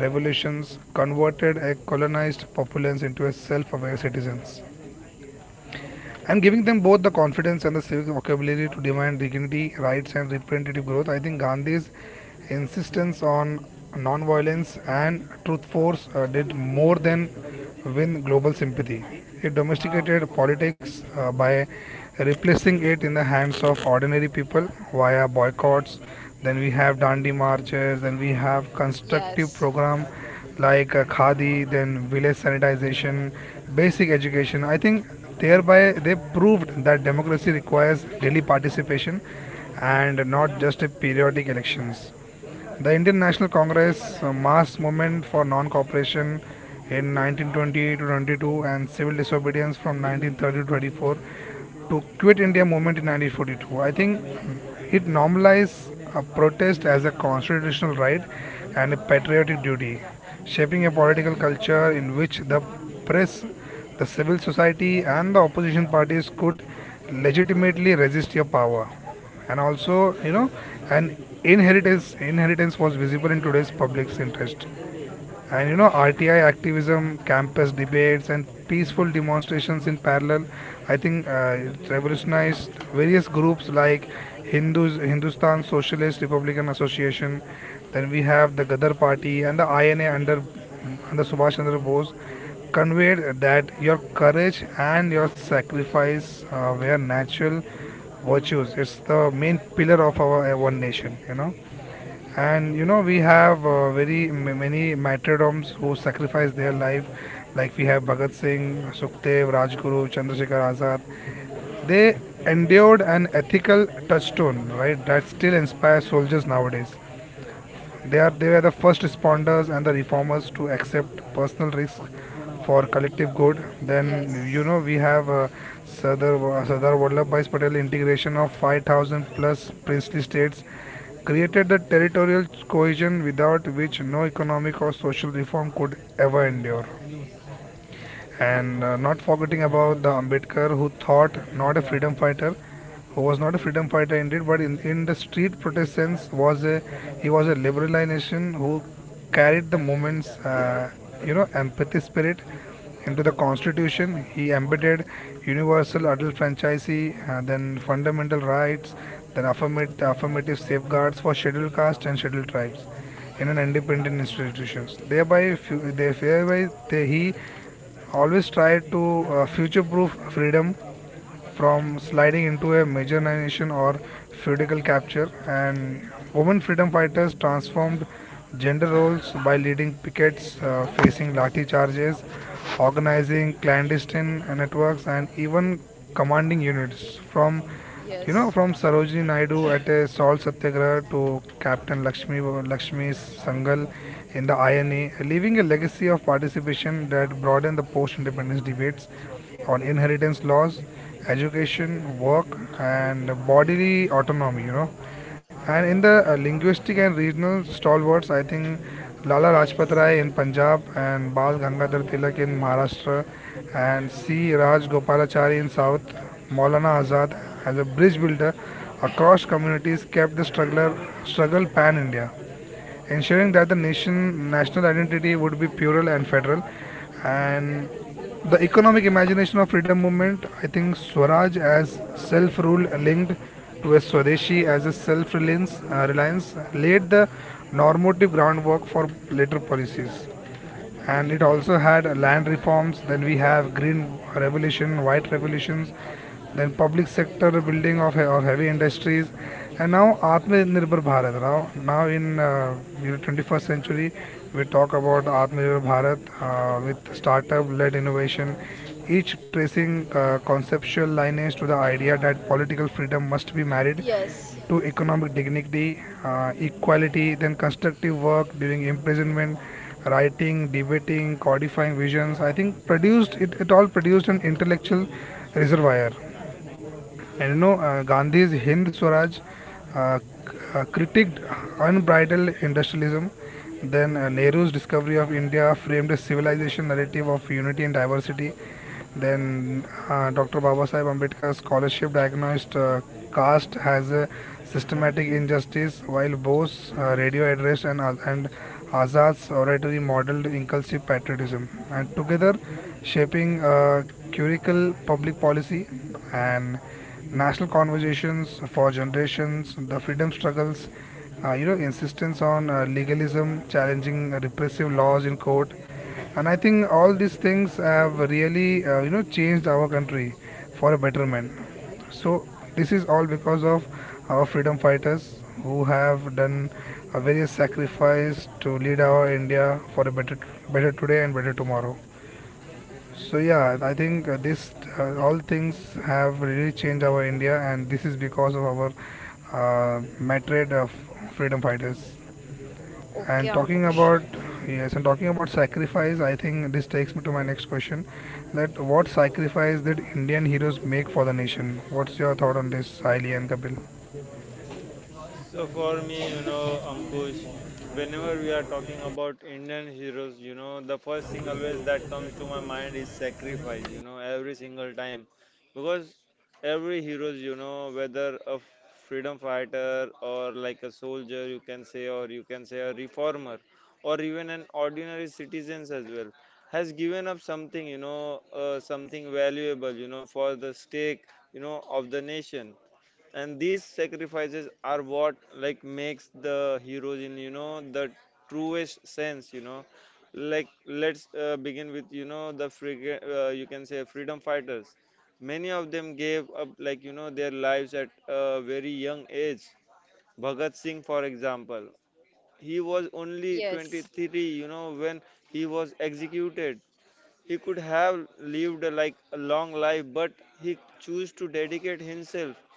[SPEAKER 1] revolutions converted a colonized populace into a self-aware citizens and giving them both the confidence and the civic vocabulary to demand dignity, rights, and representative growth. I think Gandhi's insistence on non-violence and truth force did more than win global sympathy. It domesticated politics by replacing it in the hands of ordinary people via boycotts. Then we have Dandi marches. Then we have constructive
[SPEAKER 2] Yes,
[SPEAKER 1] program like khadi, then village sanitization, basic education. I think thereby they proved that democracy requires daily participation and not just a periodic elections. The Indian National Congress mass movement for non-cooperation in 1920 to 22 and civil disobedience from 1930 to 24 to quit India movement in 1942. I think it normalized a protest as a constitutional right and a patriotic duty, shaping a political culture in which the press, the civil society, and the opposition parties could legitimately resist your power, and also, you know an inheritance inheritance was visible in today's public's interest and, you know, RTI activism, campus debates, and peaceful demonstrations in parallel. I think it revolutionized various groups like Hindus, Hindustan Socialist Republican Association. Then we have the Gadar Party and the INA under Subhash Chandra Bose conveyed that your courage and your sacrifice were natural virtues. It's the main pillar of our one nation. And you know, we have many martyrdoms who sacrificed their life, like we have Bhagat Singh, Sukhdev, Rajguru, Chandrasekhar Azad. They endured an ethical touchstone, right, that still inspires soldiers nowadays. They were the first responders and the reformers to accept personal risk for collective good. Then, you
[SPEAKER 2] yes,
[SPEAKER 1] know, we have Sardar Vallabhbhai Patel integration of 5,000 plus princely states created the territorial cohesion without which no economic or social reform could ever endure, and not forgetting about the Ambedkar who thought not a freedom fighter who was not a freedom fighter indeed but in the street protest sense was a he was a liberalization who carried the movement's you know, empathy spirit into the constitution. He embedded universal adult franchisee, then fundamental rights, then affirmative safeguards for scheduled caste and scheduled tribes in an independent institutions, thereby he always try to future proof freedom from sliding into a marginalization or feudal capture. And women freedom fighters transformed gender roles by leading pickets, facing lathi charges, organizing clandestine networks, and even commanding units from, you know,
[SPEAKER 2] yes,
[SPEAKER 1] from Sarojini Naidu at a salt satyagraha to Captain Lakshmi Sangal in the INA, leaving a legacy of participation that broadened the post-independence debates on inheritance laws, education, work, and bodily autonomy. You know, and in the linguistic and regional stalwarts, I think Lala Rajpat
[SPEAKER 2] yes,
[SPEAKER 1] Rai in Punjab and Bal Gangadhar Tilak in Maharashtra and C. Raj Gopalachari in South, Maulana Azad as a bridge builder across communities kept the struggler struggle pan India, ensuring that the nation national identity would be plural and federal. And the economic imagination of freedom movement, I think, swaraj as self-rule linked to a swadeshi as a self-reliance reliance laid the normative groundwork for later policies, and it also had land reforms. Then we have green revolution, white revolutions, then public sector building of heavy industries, and now atmanirbhar bharat. Now in, you know, 21st century we talk about atmanirbhar bharat with startup led innovation, each tracing conceptual lineage to the idea that political freedom must be married
[SPEAKER 2] yes.
[SPEAKER 1] to economic dignity, equality, then constructive work during imprisonment, writing, debating, codifying visions. I think it all produced an intellectual reservoir. And, you know, Gandhi's Hind Swaraj uh, critiqued unbridled industrialism. Then Nehru's discovery of India framed a civilization narrative of unity and diversity. Then Dr. Babasaheb Ambedkar's scholarship diagnosed caste as a systematic injustice, while Bose's radio address and and Azad's oratory modeled inclusive patriotism. And together, shaping curricle, public policy, and national conversations for generations, the freedom struggles, you know, insistence on legalism, challenging repressive laws in court, and I think all these things have really, you know, changed our country for a betterment. So this is all because of our freedom fighters who have done a various sacrifice to lead our India for a better, better today and better tomorrow. So yeah, I think this all things have really changed our India, and this is because of our matred of freedom fighters.
[SPEAKER 2] Okay,
[SPEAKER 1] And talking
[SPEAKER 2] Ankush.
[SPEAKER 1] about, yes, and talking about sacrifice, I think this takes me to my next question: that what sacrifice did Indian heroes make for the nation? What's your thought on this, Saili and Kapil?
[SPEAKER 3] So for me, Ankush, whenever we are talking about Indian heroes, the first thing always that comes to my mind is sacrifice, every single time. Because every heroes, whether a freedom fighter or like a soldier, you can say, or you can say a reformer, or even an ordinary citizens as well, has given up something, something valuable, for the stake, of the nation, and these sacrifices are what like makes the heroes in the truest sense. Like, let's begin with the you can say freedom fighters. Many of them gave up like their lives at a very young age. Bhagat Singh, for example, he was only
[SPEAKER 2] Yes.
[SPEAKER 3] 23, you know, when he was executed. He could have lived like a long life, but he chose to dedicate himself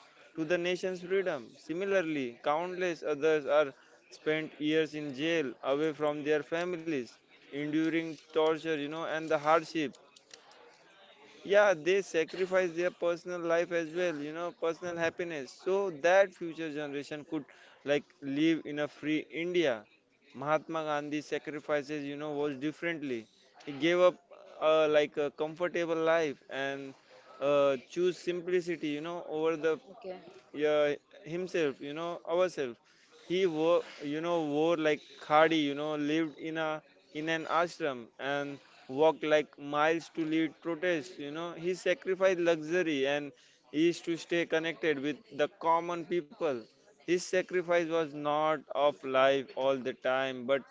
[SPEAKER 3] to the nation's freedom. Similarly, countless others are spent years in jail, away from their families, enduring torture, you know, and the hardship. Yeah, they sacrifice their personal life as well, you know, personal happiness, so that future generation could like live in a free India. Mahatma Gandhi sacrifices, you know, was differently. He gave up like a comfortable life, and choose simplicity, you know, over the
[SPEAKER 2] Okay.
[SPEAKER 3] yeah, himself, you know, ourselves. He wore, you know, wore like khadi, you know, lived in a in an ashram, and walked like miles to lead protests. You know, he sacrificed luxury and is to stay connected with the common people. His sacrifice was not of life all the time, but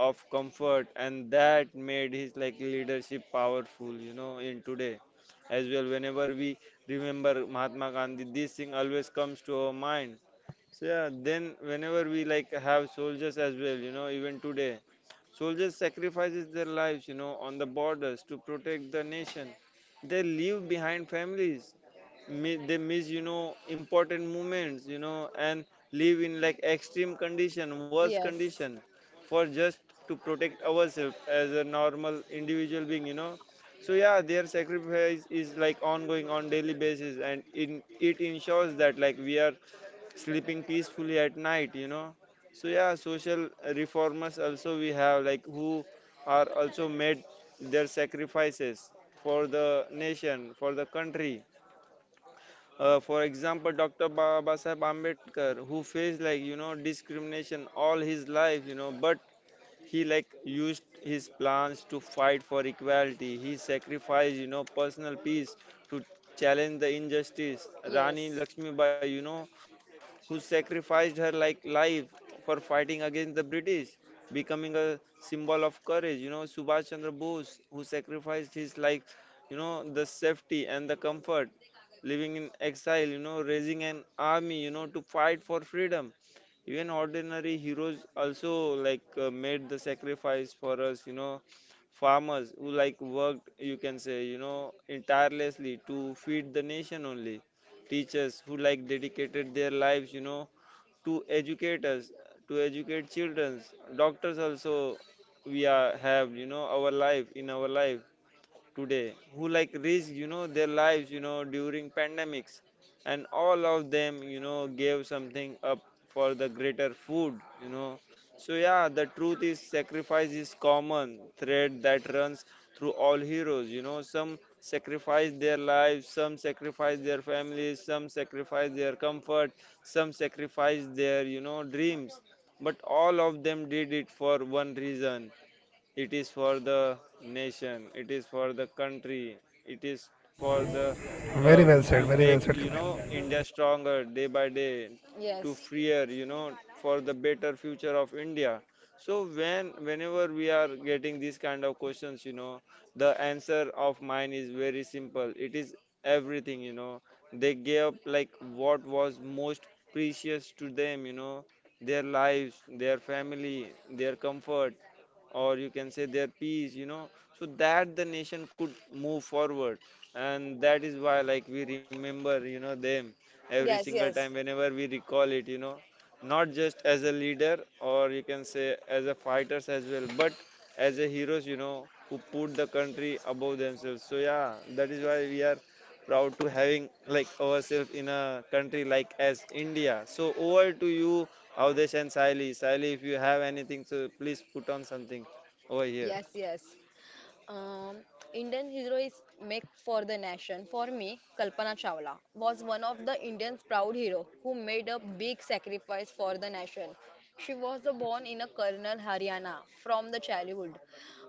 [SPEAKER 3] of comfort, and that made his like leadership powerful. You know, in today as well, whenever we remember Mahatma Gandhi, this thing always comes to our mind. So yeah, then whenever we like have soldiers as well, you know, even today, soldiers sacrifices their lives, you know, on the borders to protect the nation. They leave behind families. They miss, you know, important moments, you know, and live in like extreme condition, worse
[SPEAKER 2] Yes.
[SPEAKER 3] condition, for just to protect ourselves as a normal individual being, you know. So yeah, their sacrifice is like ongoing on daily basis, and in, it ensures that like we are sleeping peacefully at night, you know. So yeah, social reformers also we have like who are also made their sacrifices for the nation, for the country. For example, Dr. Baba Sahib Ambedkar, who faced like, you know, discrimination all his life, you know, but he like used his plans to fight for equality. He sacrificed, you know, personal peace to challenge the injustice. Rani
[SPEAKER 2] Yes.
[SPEAKER 3] Lakshmibai, you know, who sacrificed her like life for fighting against the British, becoming a symbol of courage. You know, Subhash Chandra Bose, who sacrificed his life, you know, the safety and the comfort, living in exile, you know, raising an army, you know, to fight for freedom. Even ordinary heroes also like made the sacrifice for us, you know, farmers who like worked, you can say, you know, tirelessly to feed the nation only. Teachers who like dedicated their lives, you know, to educate us, to educate children. Doctors also we are have, you know, our life in our life today, who like risk, you know, their lives, you know, during pandemics. And all of them, you know, gave something up for the greater food, you know. So yeah, the truth is sacrifice is common thread that runs through all heroes, you know. Some sacrifice their lives, some sacrifice their families, some sacrifice their comfort, some sacrifice their, you know, dreams, but all of them did it for one reason. It is for the nation, it is for the country, it is for the
[SPEAKER 1] Very
[SPEAKER 3] uh,
[SPEAKER 1] well said.
[SPEAKER 3] to
[SPEAKER 1] Very well
[SPEAKER 3] make,
[SPEAKER 1] said,
[SPEAKER 3] you
[SPEAKER 1] Kapil.
[SPEAKER 3] know, India stronger day by day,
[SPEAKER 2] Yes.
[SPEAKER 3] to freer, you know, for the better future of India. So when whenever we are getting these kind of questions, you know, the answer of mine is very simple. It is everything, you know. They gave up like what was most precious to them, you know, their lives, their family, their comfort, or you can say their peace, you know, so that the nation could move forward. And that is why like we remember, you know, them every
[SPEAKER 2] Yes.
[SPEAKER 3] single time
[SPEAKER 2] Yes.
[SPEAKER 3] whenever we recall it, you know, not just as a leader or you can say as a fighters as well, but as a heroes, you know, who put the country above themselves. So yeah, that is why we are proud to having like ourselves in a country like as India. So over to you, Avdesh and Sally. Sally, if you have anything, so please put on something over here.
[SPEAKER 2] Yes. Yes. Um, Indian hero is make for the nation. For me, Kalpana Chawla was one of the Indian's proud hero who made a big sacrifice for the nation. She was the born in a Karnal, Haryana from the childhood.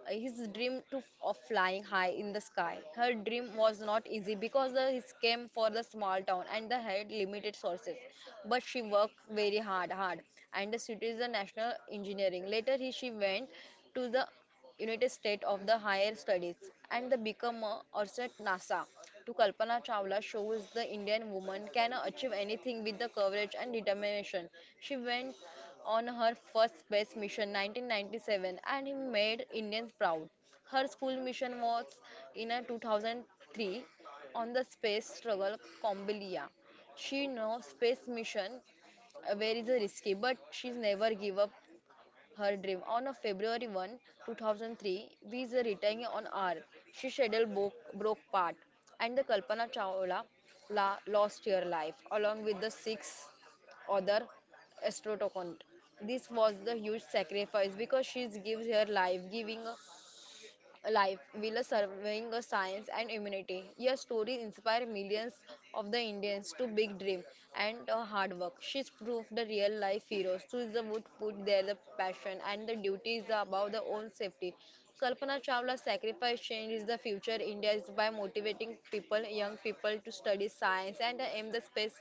[SPEAKER 2] His dream of flying high in the sky. Her dream was not easy because the, his came for the small town and the had limited sources. But she worked very hard, and the city the national engineering. Later, she went to the United States of the Higher Studies and the become a asset NASA to Kalpana Chawla shows the Indian woman can achieve anything with the courage and determination. She went on her first space mission 1997 and it made Indians proud. Her school mission was in a 2003 on the space struggle Combelia. She knows space mission where is a risky but she's never give up her dream. On a February 1, 2003, with the returning on Earth, she scheduled broke part, and the Kalpana Chawla lost her life along with the six other astronauts. This was the huge sacrifice because she gives her life, giving life while serving a science and humanity. Your story inspired millions of the Indians to big dream and hard work. She's proved the real life heroes who is the would put their the passion and the duties above their own safety. Kalpana Chawla's sacrifice changes the future India is by motivating people, young people to study science and aim the space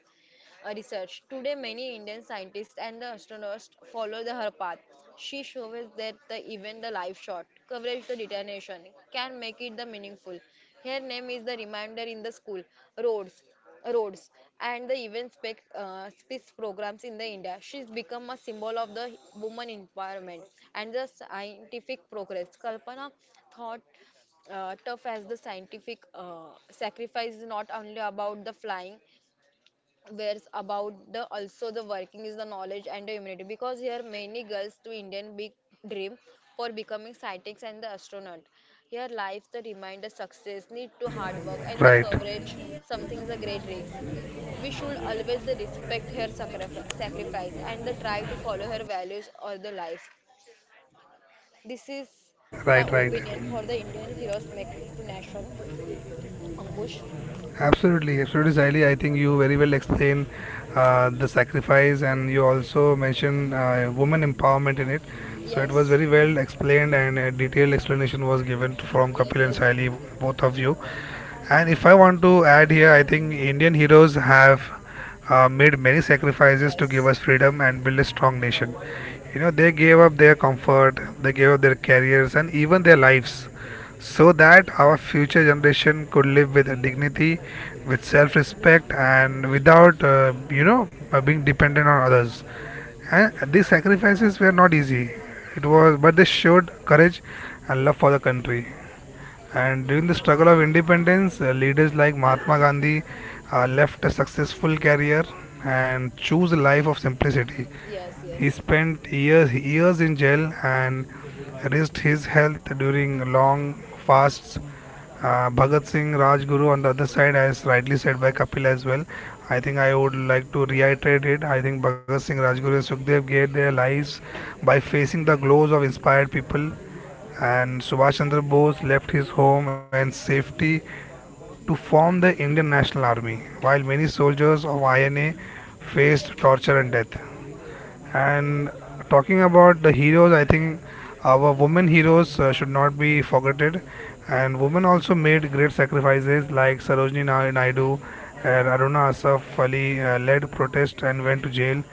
[SPEAKER 2] research. Today, many Indian scientists and the astronauts follow her path. She shows that the, even the live shot coverage the detonation can make it the meaningful. Her name is the reminder in the school, roads, roads, and the event space programs in the India. She's become a symbol of the woman empowerment and the scientific progress. Kalpana thought tough as the scientific sacrifice is not only about the flying where's about the also the working is the knowledge and the immunity because here many girls to indian big dream for becoming scientists and the astronaut here life the reminder success need to hard work and the
[SPEAKER 1] Right,
[SPEAKER 2] coverage something is a great risk we should always the respect her sacrifice and the try to follow her values all the life this is my
[SPEAKER 1] right, right.
[SPEAKER 2] opinion for the indian heroes make to nation ankush
[SPEAKER 1] Absolutely, absolutely, Saili. I think you very well explain the sacrifice, and you also mention woman empowerment in it. So it was
[SPEAKER 2] yes
[SPEAKER 1] very well explained, and a detailed explanation was given from
[SPEAKER 2] yes
[SPEAKER 1] Kapil and
[SPEAKER 2] yes
[SPEAKER 1] Saili, both of you. And if I want to add here, I think Indian heroes have made many sacrifices to give
[SPEAKER 2] yes
[SPEAKER 1] us freedom and build a strong nation. You know, they gave up their comfort, they gave up their careers, and even their lives so that our future generation could live with dignity, with self respect, and without, being dependent on others. And these sacrifices were not easy. It was, but they showed courage and love for the country. And during the struggle of independence, leaders like Mahatma Gandhi left a successful career and chose a life of simplicity.
[SPEAKER 2] yes yes
[SPEAKER 1] He spent years in jail and risked his health during long fasts. Bhagat Singh, Rajguru on the other side, as rightly said by Kapil as well. I think I would like to reiterate it. I think Bhagat Singh, Rajguru, and Sukhdev gave their lives by facing the glows of inspired people, and Subhash Chandra Bose left his home and safety to form the Indian National Army, while many soldiers of INA faced torture and death. And talking about the heroes, I think our women heroes should not be forgotten, and women also made great sacrifices like Sarojini Naidu and Aruna Asaf Ali led protest and went to jail.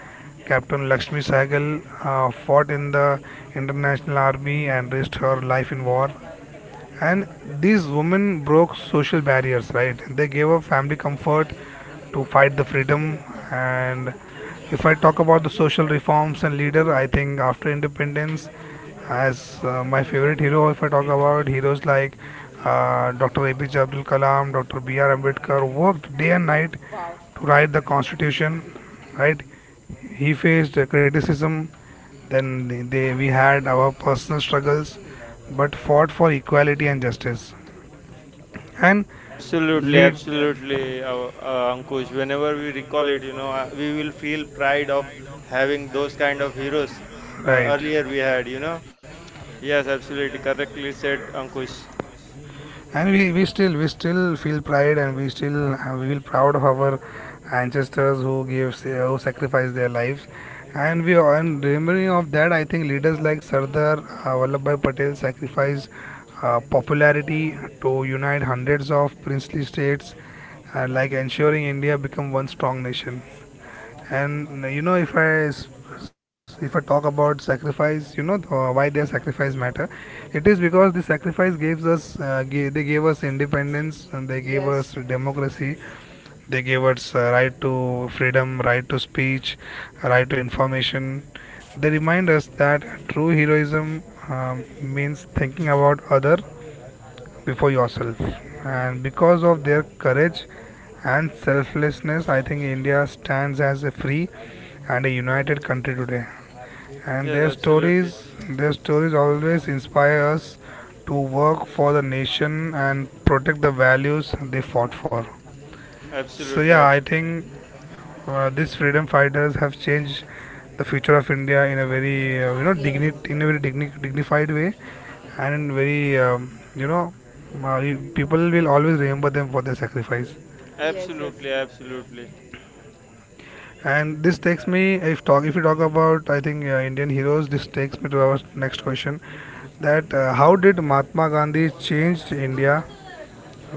[SPEAKER 1] Captain Lakshmi Sehgal fought in the International Army and risked her life in war, and these women broke social barriers, right? They gave up family comfort to fight the freedom. And if I talk about the social reforms and leader, I think after independence, as my favorite hero, if I talk about heroes like Dr. APJ Abdul Kalam, Dr. BR Ambedkar worked day and night
[SPEAKER 2] Wow.
[SPEAKER 1] to write the constitution, right? He faced criticism. We had our personal struggles, but fought for equality and justice and
[SPEAKER 3] Absolutely,
[SPEAKER 1] lead,
[SPEAKER 3] absolutely, Ankush. Whenever we recall it, you know, we will feel pride of having those kind of heroes
[SPEAKER 1] right.
[SPEAKER 3] earlier we had, you know. Yes, absolutely. Correctly said, Ankush.
[SPEAKER 1] And we still feel pride, and we still we feel proud of our ancestors who gave who sacrificed their lives. And we are- and remembering of that, I think leaders like Sardar Vallabhbhai Patel sacrificed popularity to unite hundreds of princely states, like ensuring India become one strong nation. And you know, if I talk about sacrifice, you know, why their sacrifice matter, it is because the sacrifice gives us they gave us independence, and they gave us
[SPEAKER 2] Yes.
[SPEAKER 1] democracy, they gave us right to freedom, right to speech, right to information. They remind us that true heroism means thinking about other before yourself. And because of their courage and selflessness, I think India stands as a free and a united country today, and
[SPEAKER 3] Yes,
[SPEAKER 1] their
[SPEAKER 3] absolutely.
[SPEAKER 1] stories, their stories always inspire us to work for the nation and protect the values they fought for. So
[SPEAKER 3] Absolutely,
[SPEAKER 1] yeah, I
[SPEAKER 3] absolutely.
[SPEAKER 1] think these freedom fighters have changed the future of India in a very, you know,
[SPEAKER 2] Yes.
[SPEAKER 1] dignit in a very digni- dignified way, and very you know, people will always remember them for their sacrifice.
[SPEAKER 2] Yes. Yes.
[SPEAKER 3] Absolutely, absolutely.
[SPEAKER 1] And this takes me, if you talk about, I think, Indian heroes, this takes me to our next question, that how did Mahatma Gandhi change India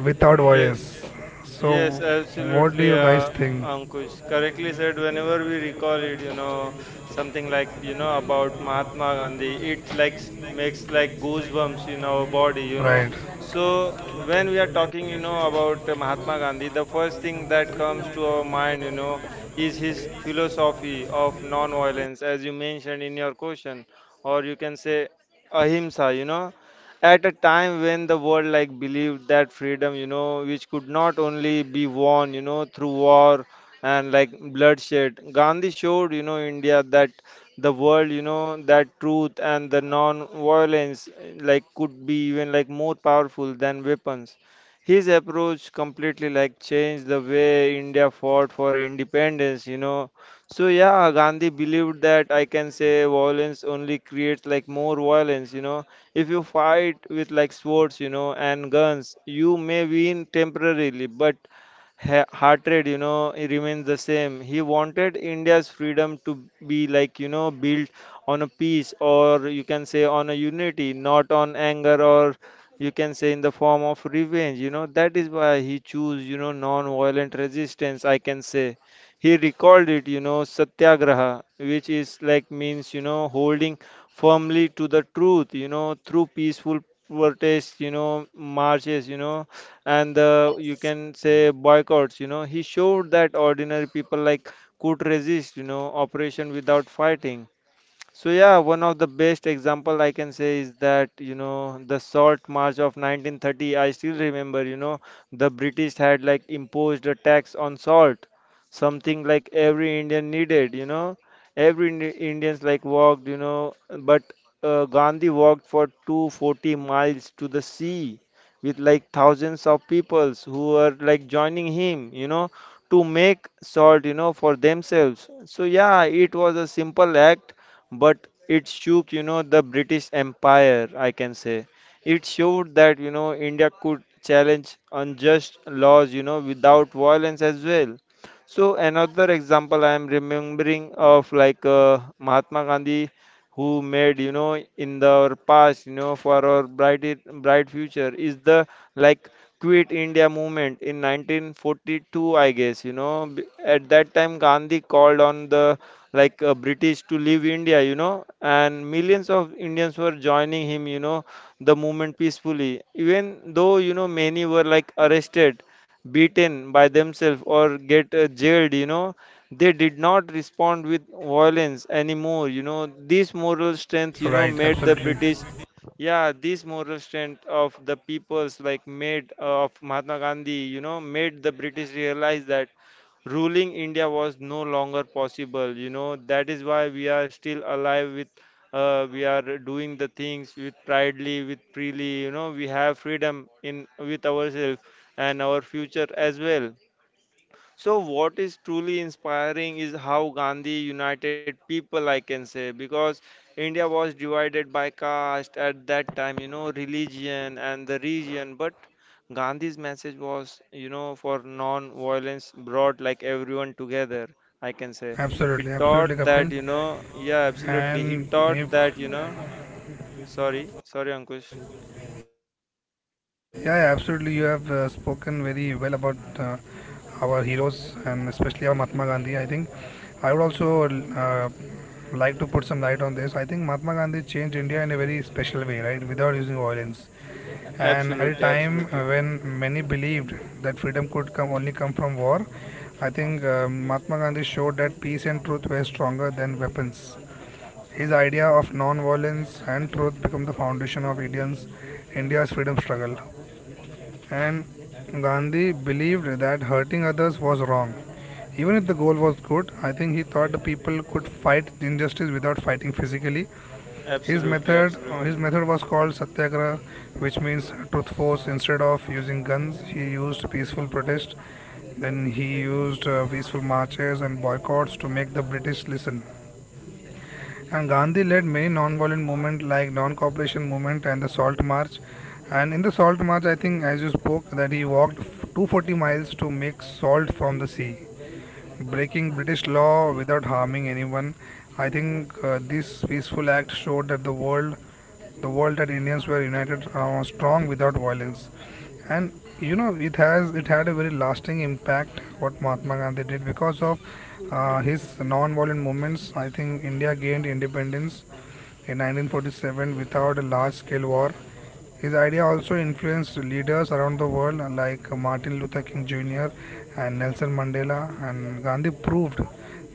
[SPEAKER 1] without
[SPEAKER 3] Yes.
[SPEAKER 1] violence? So
[SPEAKER 3] Yes,
[SPEAKER 1] what do
[SPEAKER 3] absolutely,
[SPEAKER 1] you guys think?
[SPEAKER 3] Ankush. Correctly said, whenever we recall it, you know, something like, you know, about Mahatma Gandhi, it like makes like goosebumps in our body, you know.
[SPEAKER 1] Right,
[SPEAKER 3] So when we are talking, you know, about Mahatma Gandhi, the first thing that comes to our mind, you know, is his philosophy of non-violence, as you mentioned in your question, or you can say ahimsa, you know, at a time when the world like believed that freedom, you know, which could not only be won, you know, through war and like bloodshed, Gandhi showed, you know, India that the world, you know, that truth and the non violence like could be even like more powerful than weapons. His approach completely like changed the way India fought for independence, you know. So yeah, Gandhi believed that I can say violence only creates like more violence, you know. If you fight with like swords, you know, and guns, you may win temporarily, but heart rate, you know, it remains the same. He wanted India's freedom to be like, you know, built on a peace, or you can say on a unity, not on anger or you can say in the form of revenge. You know, that is why he chose, you know, non-violent resistance, I can say. He recalled it, you know, satyagraha, which is like means, you know, holding firmly to the truth, you know, through peaceful protest, you know, marches, you know, and the, you
[SPEAKER 2] Yes.
[SPEAKER 3] can say boycotts, you know. He showed that ordinary people like could resist, you know, operation without fighting. So yeah, one of the best example I can say is that, you know, the Salt March of 1930. I still remember, you know, the British had like imposed a tax on salt, something like every Indian needed. You know, every Indians like walked, you know, but Gandhi walked for 240 miles to the sea with like thousands of peoples who were like joining him. You know, to make salt, you know, for themselves. So yeah, it was a simple act, but it shook, you know, the British Empire, I can say. It showed that, you know, India could challenge unjust laws, you know, without violence as well. So another example I am remembering of like Mahatma Gandhi, who made, you know, in the our past, you know, for our bright future is the like Quit India movement in 1942, I guess, you know, at that time Gandhi called on the like British to leave India, you know, and millions of Indians were joining him, you know, the movement peacefully. Even though, you know, many were like arrested, beaten by themselves, or get jailed, you know, they did not respond with violence anymore, you know. This moral strength, you know, made the British
[SPEAKER 1] right. Absolutely,
[SPEAKER 3] yeah, this moral strength of the peoples like made of Mahatma Gandhi, you know, made the British realize that ruling India was no longer possible. You know, that is why we are still alive with, we are doing the things with proudly, with freely. You know, we have freedom in with ourselves and our future as well. So, what is truly inspiring is how Gandhi united people, I can say, because India was divided by caste at that time, you know, religion and the region. But Gandhi's message was, you know, for non violence brought like everyone together, I can say. He taught that, you
[SPEAKER 1] absolutely
[SPEAKER 3] know, yeah,
[SPEAKER 1] absolutely Kapil.
[SPEAKER 3] absolutely. He taught that, you know,
[SPEAKER 1] And if
[SPEAKER 3] sorry, sorry, Ankush.
[SPEAKER 1] Yeah, absolutely. You have spoken very well about our heroes and especially our Mahatma Gandhi. I think I would also like to put some light on this. I think Mahatma Gandhi changed India in a very special way, right? Without using violence. And at
[SPEAKER 3] Absolutely,
[SPEAKER 1] a
[SPEAKER 3] absolutely,
[SPEAKER 1] time when many believed that freedom could come only come from war, I think Mahatma Gandhi showed that peace and truth were stronger than weapons. His idea of non-violence and truth became the foundation of India's freedom struggle. And Gandhi believed that hurting others was wrong. Even if the goal was good, I think he thought the people could fight injustice without fighting physically. His
[SPEAKER 3] absolutely,
[SPEAKER 1] method,
[SPEAKER 3] absolutely.
[SPEAKER 1] his method was called satyagraha, which means truth force. Instead of using guns, he used peaceful protest. Then he used peaceful marches and boycotts to make the British listen. And Gandhi led many non-violent movements like non-cooperation movement and the Salt March. And in the Salt March, I think, as you spoke, that he walked 240 miles to make salt from the sea, breaking British law without harming anyone. I think this peaceful act showed the world that Indians were united, strong without violence. And you know, it had a very lasting impact what Mahatma Gandhi did because of his non-violent movements. I think India gained independence in 1947 without a large scale war. His idea also influenced leaders around the world like Martin Luther King Jr. and Nelson Mandela, and Gandhi proved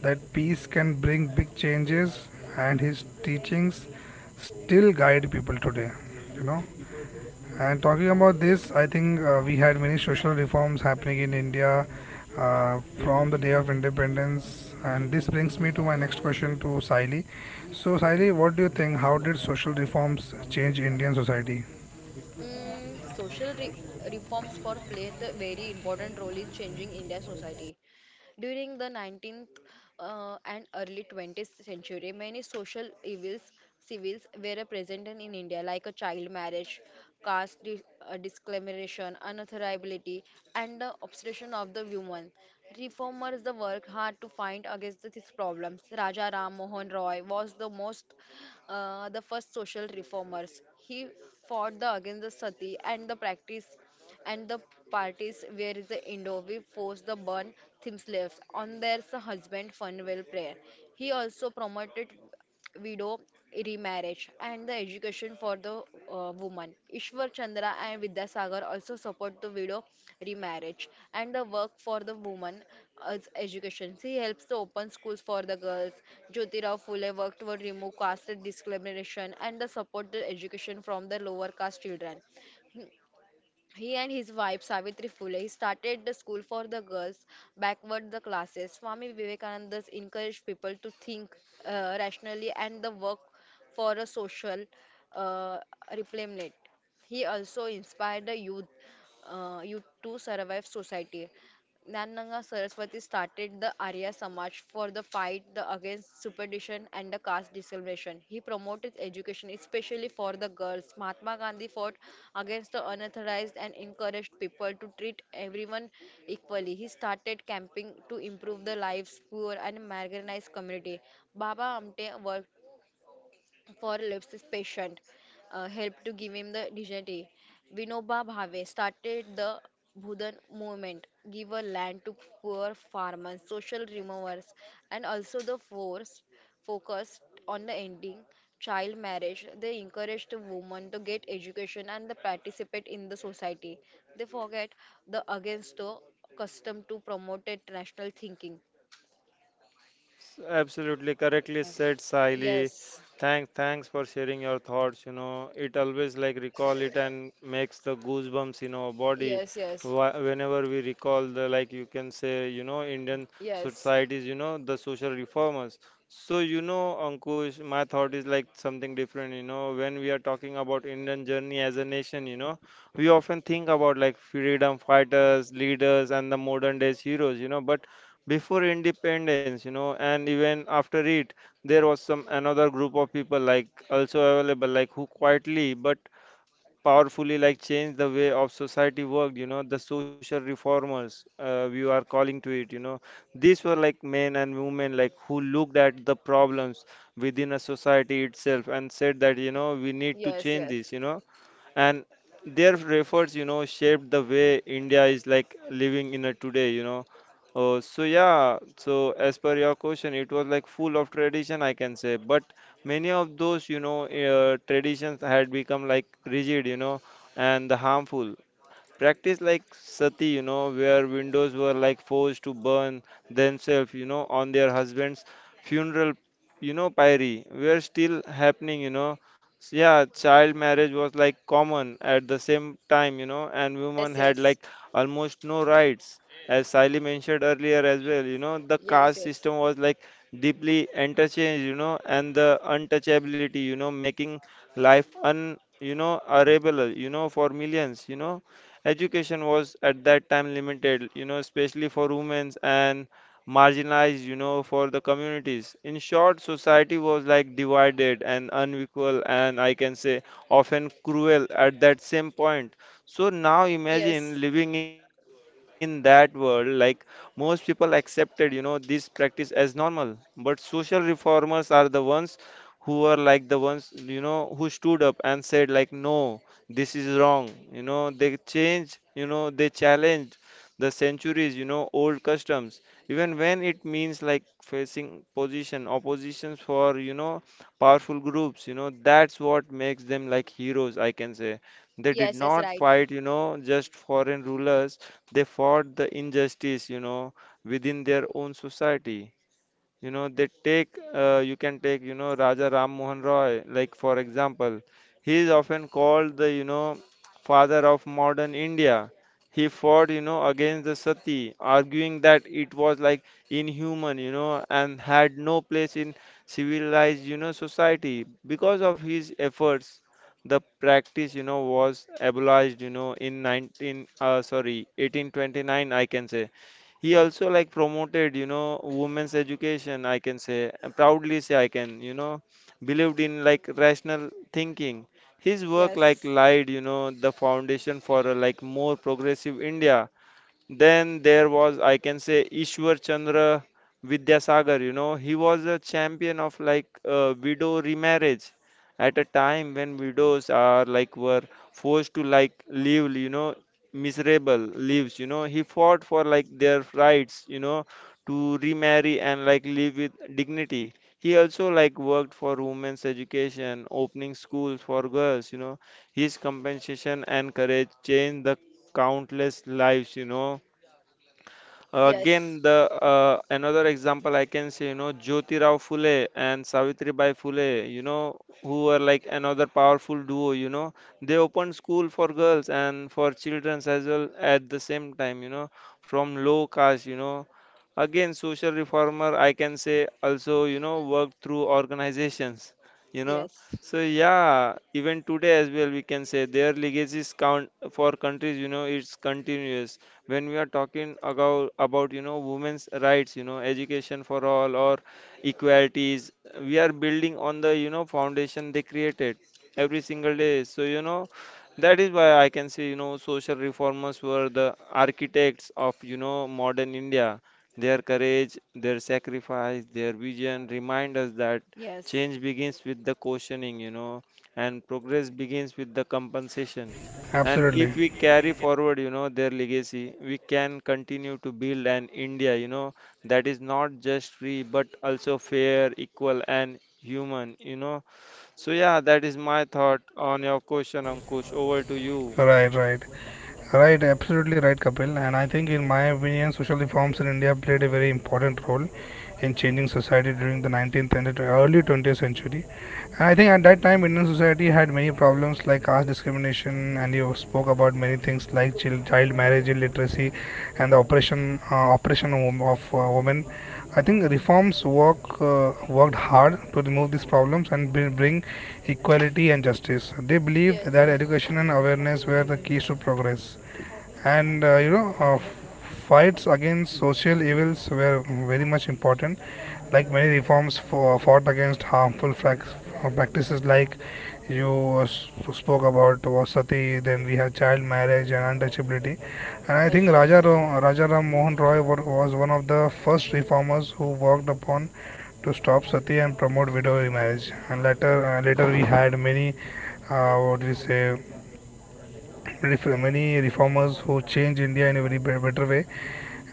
[SPEAKER 1] that peace can bring big changes, and his teachings still guide people today. You know, and talking about this, I think we had many social reforms happening in India from the day of independence. And this brings me to my next question to Saili. So, Saili, what do you think? How did social reforms change Indian society?
[SPEAKER 2] Mm, social re reforms for play a very important role in changing India's society. During the 19th and early 20th century, many social evils civils were present in India, like a child marriage, caste dis- discrimination, unauthorizability, and the obsession of the woman. Reformers the work hard to fight against these problems. Raja Ram Mohan Roy was the most the first social reformers. He fought the against the sati and the practice and the parties where is the indoor we force the burn themes left on their husband funeral prayer. He also promoted widow remarriage and the education for the woman. Ishwar Chandra and Vidyasagar also support the widow remarriage and the work for the woman as education. He helps to open schools for the girls. Jyotirao Phule worked to remove caste discrimination and the support the education from the lower caste children. He and his wife Savitri Phule he started the school for the girls, backward the classes. Swami Vivekananda encouraged people to think rationally and the work for a social uh, replenishment. He also inspired the youth to survive society. Nannanga Saraswati started the Arya Samaj for the fight the against superstition and the caste discrimination. He promoted education, especially for the girls. Mahatma Gandhi fought against the unauthorized and encouraged people to treat everyone equally. He started camping to improve the lives poor and marginalized community. Baba Amte worked for Lipsis patient helped to give him the dignity. Vinoba Bhave started the Bhudan movement, give a land to poor farmers, social removers, and also the force focused on the ending child marriage. They encouraged the women to get education and the participate in the society. They forget the against the custom to promote a national thinking.
[SPEAKER 3] Absolutely correctly
[SPEAKER 2] Yes.
[SPEAKER 3] said, Saili.
[SPEAKER 2] Yes,
[SPEAKER 3] Thanks for sharing your thoughts. You know, it always like recall it and makes the goosebumps in our body.
[SPEAKER 2] yes, yes,
[SPEAKER 3] Whenever we recall the like you can say, you know, Indian
[SPEAKER 2] yes,
[SPEAKER 3] societies, you know, the social reformers. So you know, Ankush, my thought is like something different. You know, when we are talking about Indian journey as a nation, you know, we often think about like freedom fighters, leaders, and the modern days heroes. You know, but before independence, you know, and even after it, there was some another group of people like also available, like who quietly but powerfully like changed the way of society worked, you know, the social reformers, we are calling to it, you know. These were like men and women like who looked at the problems within a society itself and said that, you know, we need to
[SPEAKER 2] yes,
[SPEAKER 3] change this,
[SPEAKER 2] yes.
[SPEAKER 3] you know, and their efforts, you know, shaped the way India is like living in a today, you know. Oh, so yeah, so as per your question, it was like full of tradition, I can say, but many of those, you know, traditions had become like rigid, you know, and harmful. Practice like sati, you know, where windows were like forced to burn themselves, you know, on their husband's funeral, you know, pyre were still happening, you know. So, yeah, child marriage was like common at the same time, you know, and
[SPEAKER 2] Yes,
[SPEAKER 3] women had
[SPEAKER 2] yes,
[SPEAKER 3] like almost no rights. As Sally mentioned earlier as well, you know, the caste
[SPEAKER 2] yes,
[SPEAKER 3] system was like deeply interchanged, you know, and the untouchability, you know, making life un, you know, arable, you know, for millions, you know. Education was at that time limited, you know, especially for women and marginalized, you know, for the communities. In short, society was like divided and unequal, and I can say often cruel at that same point. So now
[SPEAKER 2] yes,
[SPEAKER 3] imagine
[SPEAKER 2] yes,
[SPEAKER 3] living in that world, like most people accepted, you know, this practice as normal, but social reformers are the ones who were like the ones, you know, who stood up and said, like, no, this is wrong, you know, they change, you know, they challenge the centuries, you know, old customs even when it means like facing position oppositions for, you know, powerful groups, you know, that's what makes them like heroes, I can say. They did
[SPEAKER 2] yes, yes,
[SPEAKER 3] not
[SPEAKER 2] right.
[SPEAKER 3] fight, you know, just foreign rulers, they fought the injustice, you know, within their own society, you know. They take, you can take, you know, Raja Ram Mohan Roy like for example. He is often called the, you know, father of modern India. He fought, you know, against the sati, arguing that it was like inhuman, you know, and had no place in civilized, you know, society. Because of his efforts, the practice, you know, was abolished, you know, in 19 sorry 1829, I can say. He also like promoted, you know, women's education, I can say, proudly say I can, you know, believed in like rational thinking. His work like
[SPEAKER 2] Yes,
[SPEAKER 3] laid, you know, the foundation for a, like more progressive India. Then there was, I can say, Ishwar Chandra Vidyasagar. You know, he was a champion of like widow remarriage at a time when widows are like were forced to like live, you know, miserable lives. You know, he fought for like their rights, you know, to remarry and like live with dignity. He also like worked for women's education, opening schools for girls. You know, his compensation and courage changed the countless lives, you know.
[SPEAKER 2] yes,
[SPEAKER 3] Again, the another example I can say, you know, Jyoti Rao Phule and Savitribai Phule, you know, who were like another powerful duo, you know. They opened school for girls and for children as well at the same time, you know, from low caste, you know. Again, social reformer, I can say also, you know, worked through organizations, you know.
[SPEAKER 2] yes,
[SPEAKER 3] So yeah, even today as well, we can say their legacies count for countries, you know, it's continuous when we are talking about, you know, women's rights, you know, education for all, or equalities, we are building on the, you know, foundation they created every single day. So, you know, that is why I can say, you know, social reformers were the architects of, you know, modern India. Their courage, their sacrifice, their vision remind us that
[SPEAKER 2] yes,
[SPEAKER 3] change begins with the questioning, you know, and progress begins with the compensation. And
[SPEAKER 1] Absolutely.
[SPEAKER 3] if we carry forward, you know, their legacy, we can continue to build an India, you know, that is not just free but also fair, equal, and human, you know. So, yeah, that is my thought on your question, Ankush. Over to you.
[SPEAKER 1] Right, right. Right, absolutely right, Kapil. And I think, in my opinion, social reforms in India played a very important role in changing society during the 19th and early 20th century. And I think at that time, Indian society had many problems like caste discrimination, and you spoke about many things like child marriage, illiteracy, and the oppression of women. I think reforms work worked hard to remove these problems and bring equality and justice. They believed
[SPEAKER 2] yes, yes,
[SPEAKER 1] that
[SPEAKER 2] yes,
[SPEAKER 1] education and awareness were the keys to progress and fights against social evils were very much important like fought against harmful practices like you spoke about was sati, then we have child marriage and untouchability. And I think
[SPEAKER 2] yes,
[SPEAKER 1] Raja Ram Mohan Roy was one of the first reformers who worked upon to stop sati and promote widow remarriage, and later later we had many what do you say many reformers who changed India in a very better way.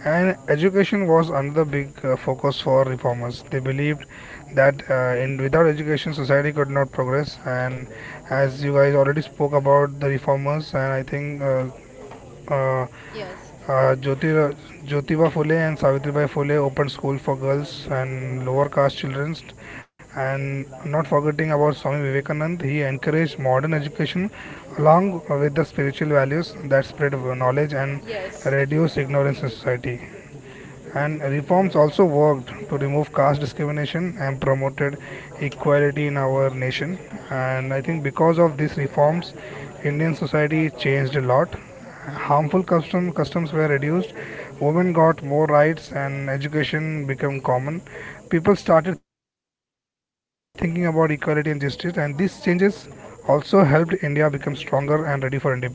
[SPEAKER 1] And education was another big focus for reformers. They believed that in without education, society could not progress. And as you guys already spoke about the reformers, and I think. Uh,
[SPEAKER 2] yes,
[SPEAKER 1] uh, Jyoti, Jyotiba Phule and Savitribai Phule opened school for girls and lower caste children. And not forgetting about Swami Vivekananda, he encouraged modern education along with the spiritual values that spread knowledge and
[SPEAKER 2] yes,
[SPEAKER 1] reduce ignorance in society. And reforms also worked to remove caste discrimination and promoted equality in our nation. And I think because of these reforms, Indian society changed a lot. Customs were reduced, women got more rights, and education became common. People started thinking about equality and justice, and these changes also helped India become stronger and ready for independence.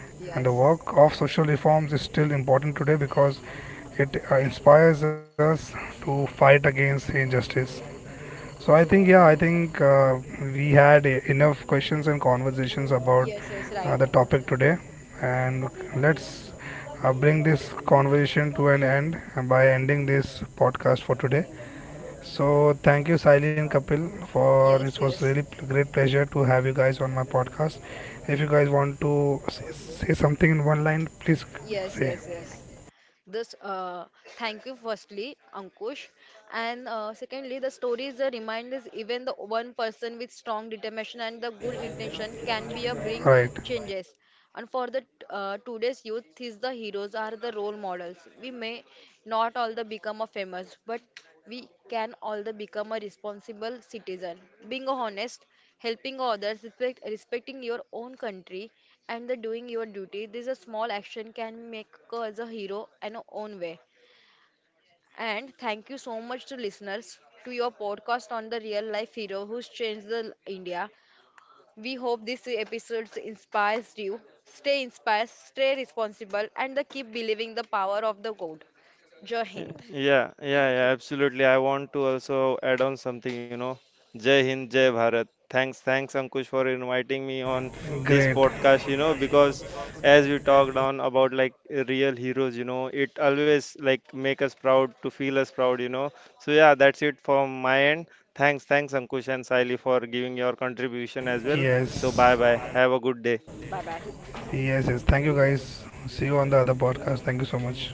[SPEAKER 1] And the work of
[SPEAKER 2] yes,
[SPEAKER 1] social reforms is still important today because it inspires us to fight against injustice. So I think, yeah, I think we had enough questions and conversations about
[SPEAKER 2] yes, yes, right.
[SPEAKER 1] the topic today, and let's bring this conversation to an end by ending this podcast for today. So thank you, Siley and Kapil, for it
[SPEAKER 2] Yes,
[SPEAKER 1] was really
[SPEAKER 2] yes,
[SPEAKER 1] great pleasure to have you guys on my podcast. If you guys want to say something in one line, please
[SPEAKER 2] yes,
[SPEAKER 1] say.
[SPEAKER 2] yes, yes. This thank you firstly, Ankush, and secondly, the stories the reminders even the one person with strong determination and the good intention can be a
[SPEAKER 1] All
[SPEAKER 2] bring
[SPEAKER 1] right,
[SPEAKER 2] changes. And for the today's youth, these the heroes are the role models. We may not all the become a famous, but we can all the become a responsible citizen, being honest helping others, respecting your own country, and the doing your duty. This a small action can make us a hero in our own way. And thank you so much to listeners to your podcast on the real life hero who's changed the India. We hope this episode inspires you. Stay inspired, stay responsible, and the keep believing the power of the God. Jai
[SPEAKER 3] Y-
[SPEAKER 2] Hind.
[SPEAKER 3] Yeah, yeah, yeah, absolutely. I want to also add on something, you know. Jai Hind, Jai Bharat. Thanks, Ankush, for inviting me on this
[SPEAKER 1] great.
[SPEAKER 3] podcast, you know, because as we talked on about like real heroes, you know, it always like make us proud to feel us proud, you know. So yeah, that's it from my end. Thanks, Ankush and Saili for giving your contribution as well. So
[SPEAKER 1] Yes.
[SPEAKER 3] bye bye. Have a good day.
[SPEAKER 2] Bye bye.
[SPEAKER 1] Yes, yes. Thank you guys. See you on the other podcast. Thank you so much.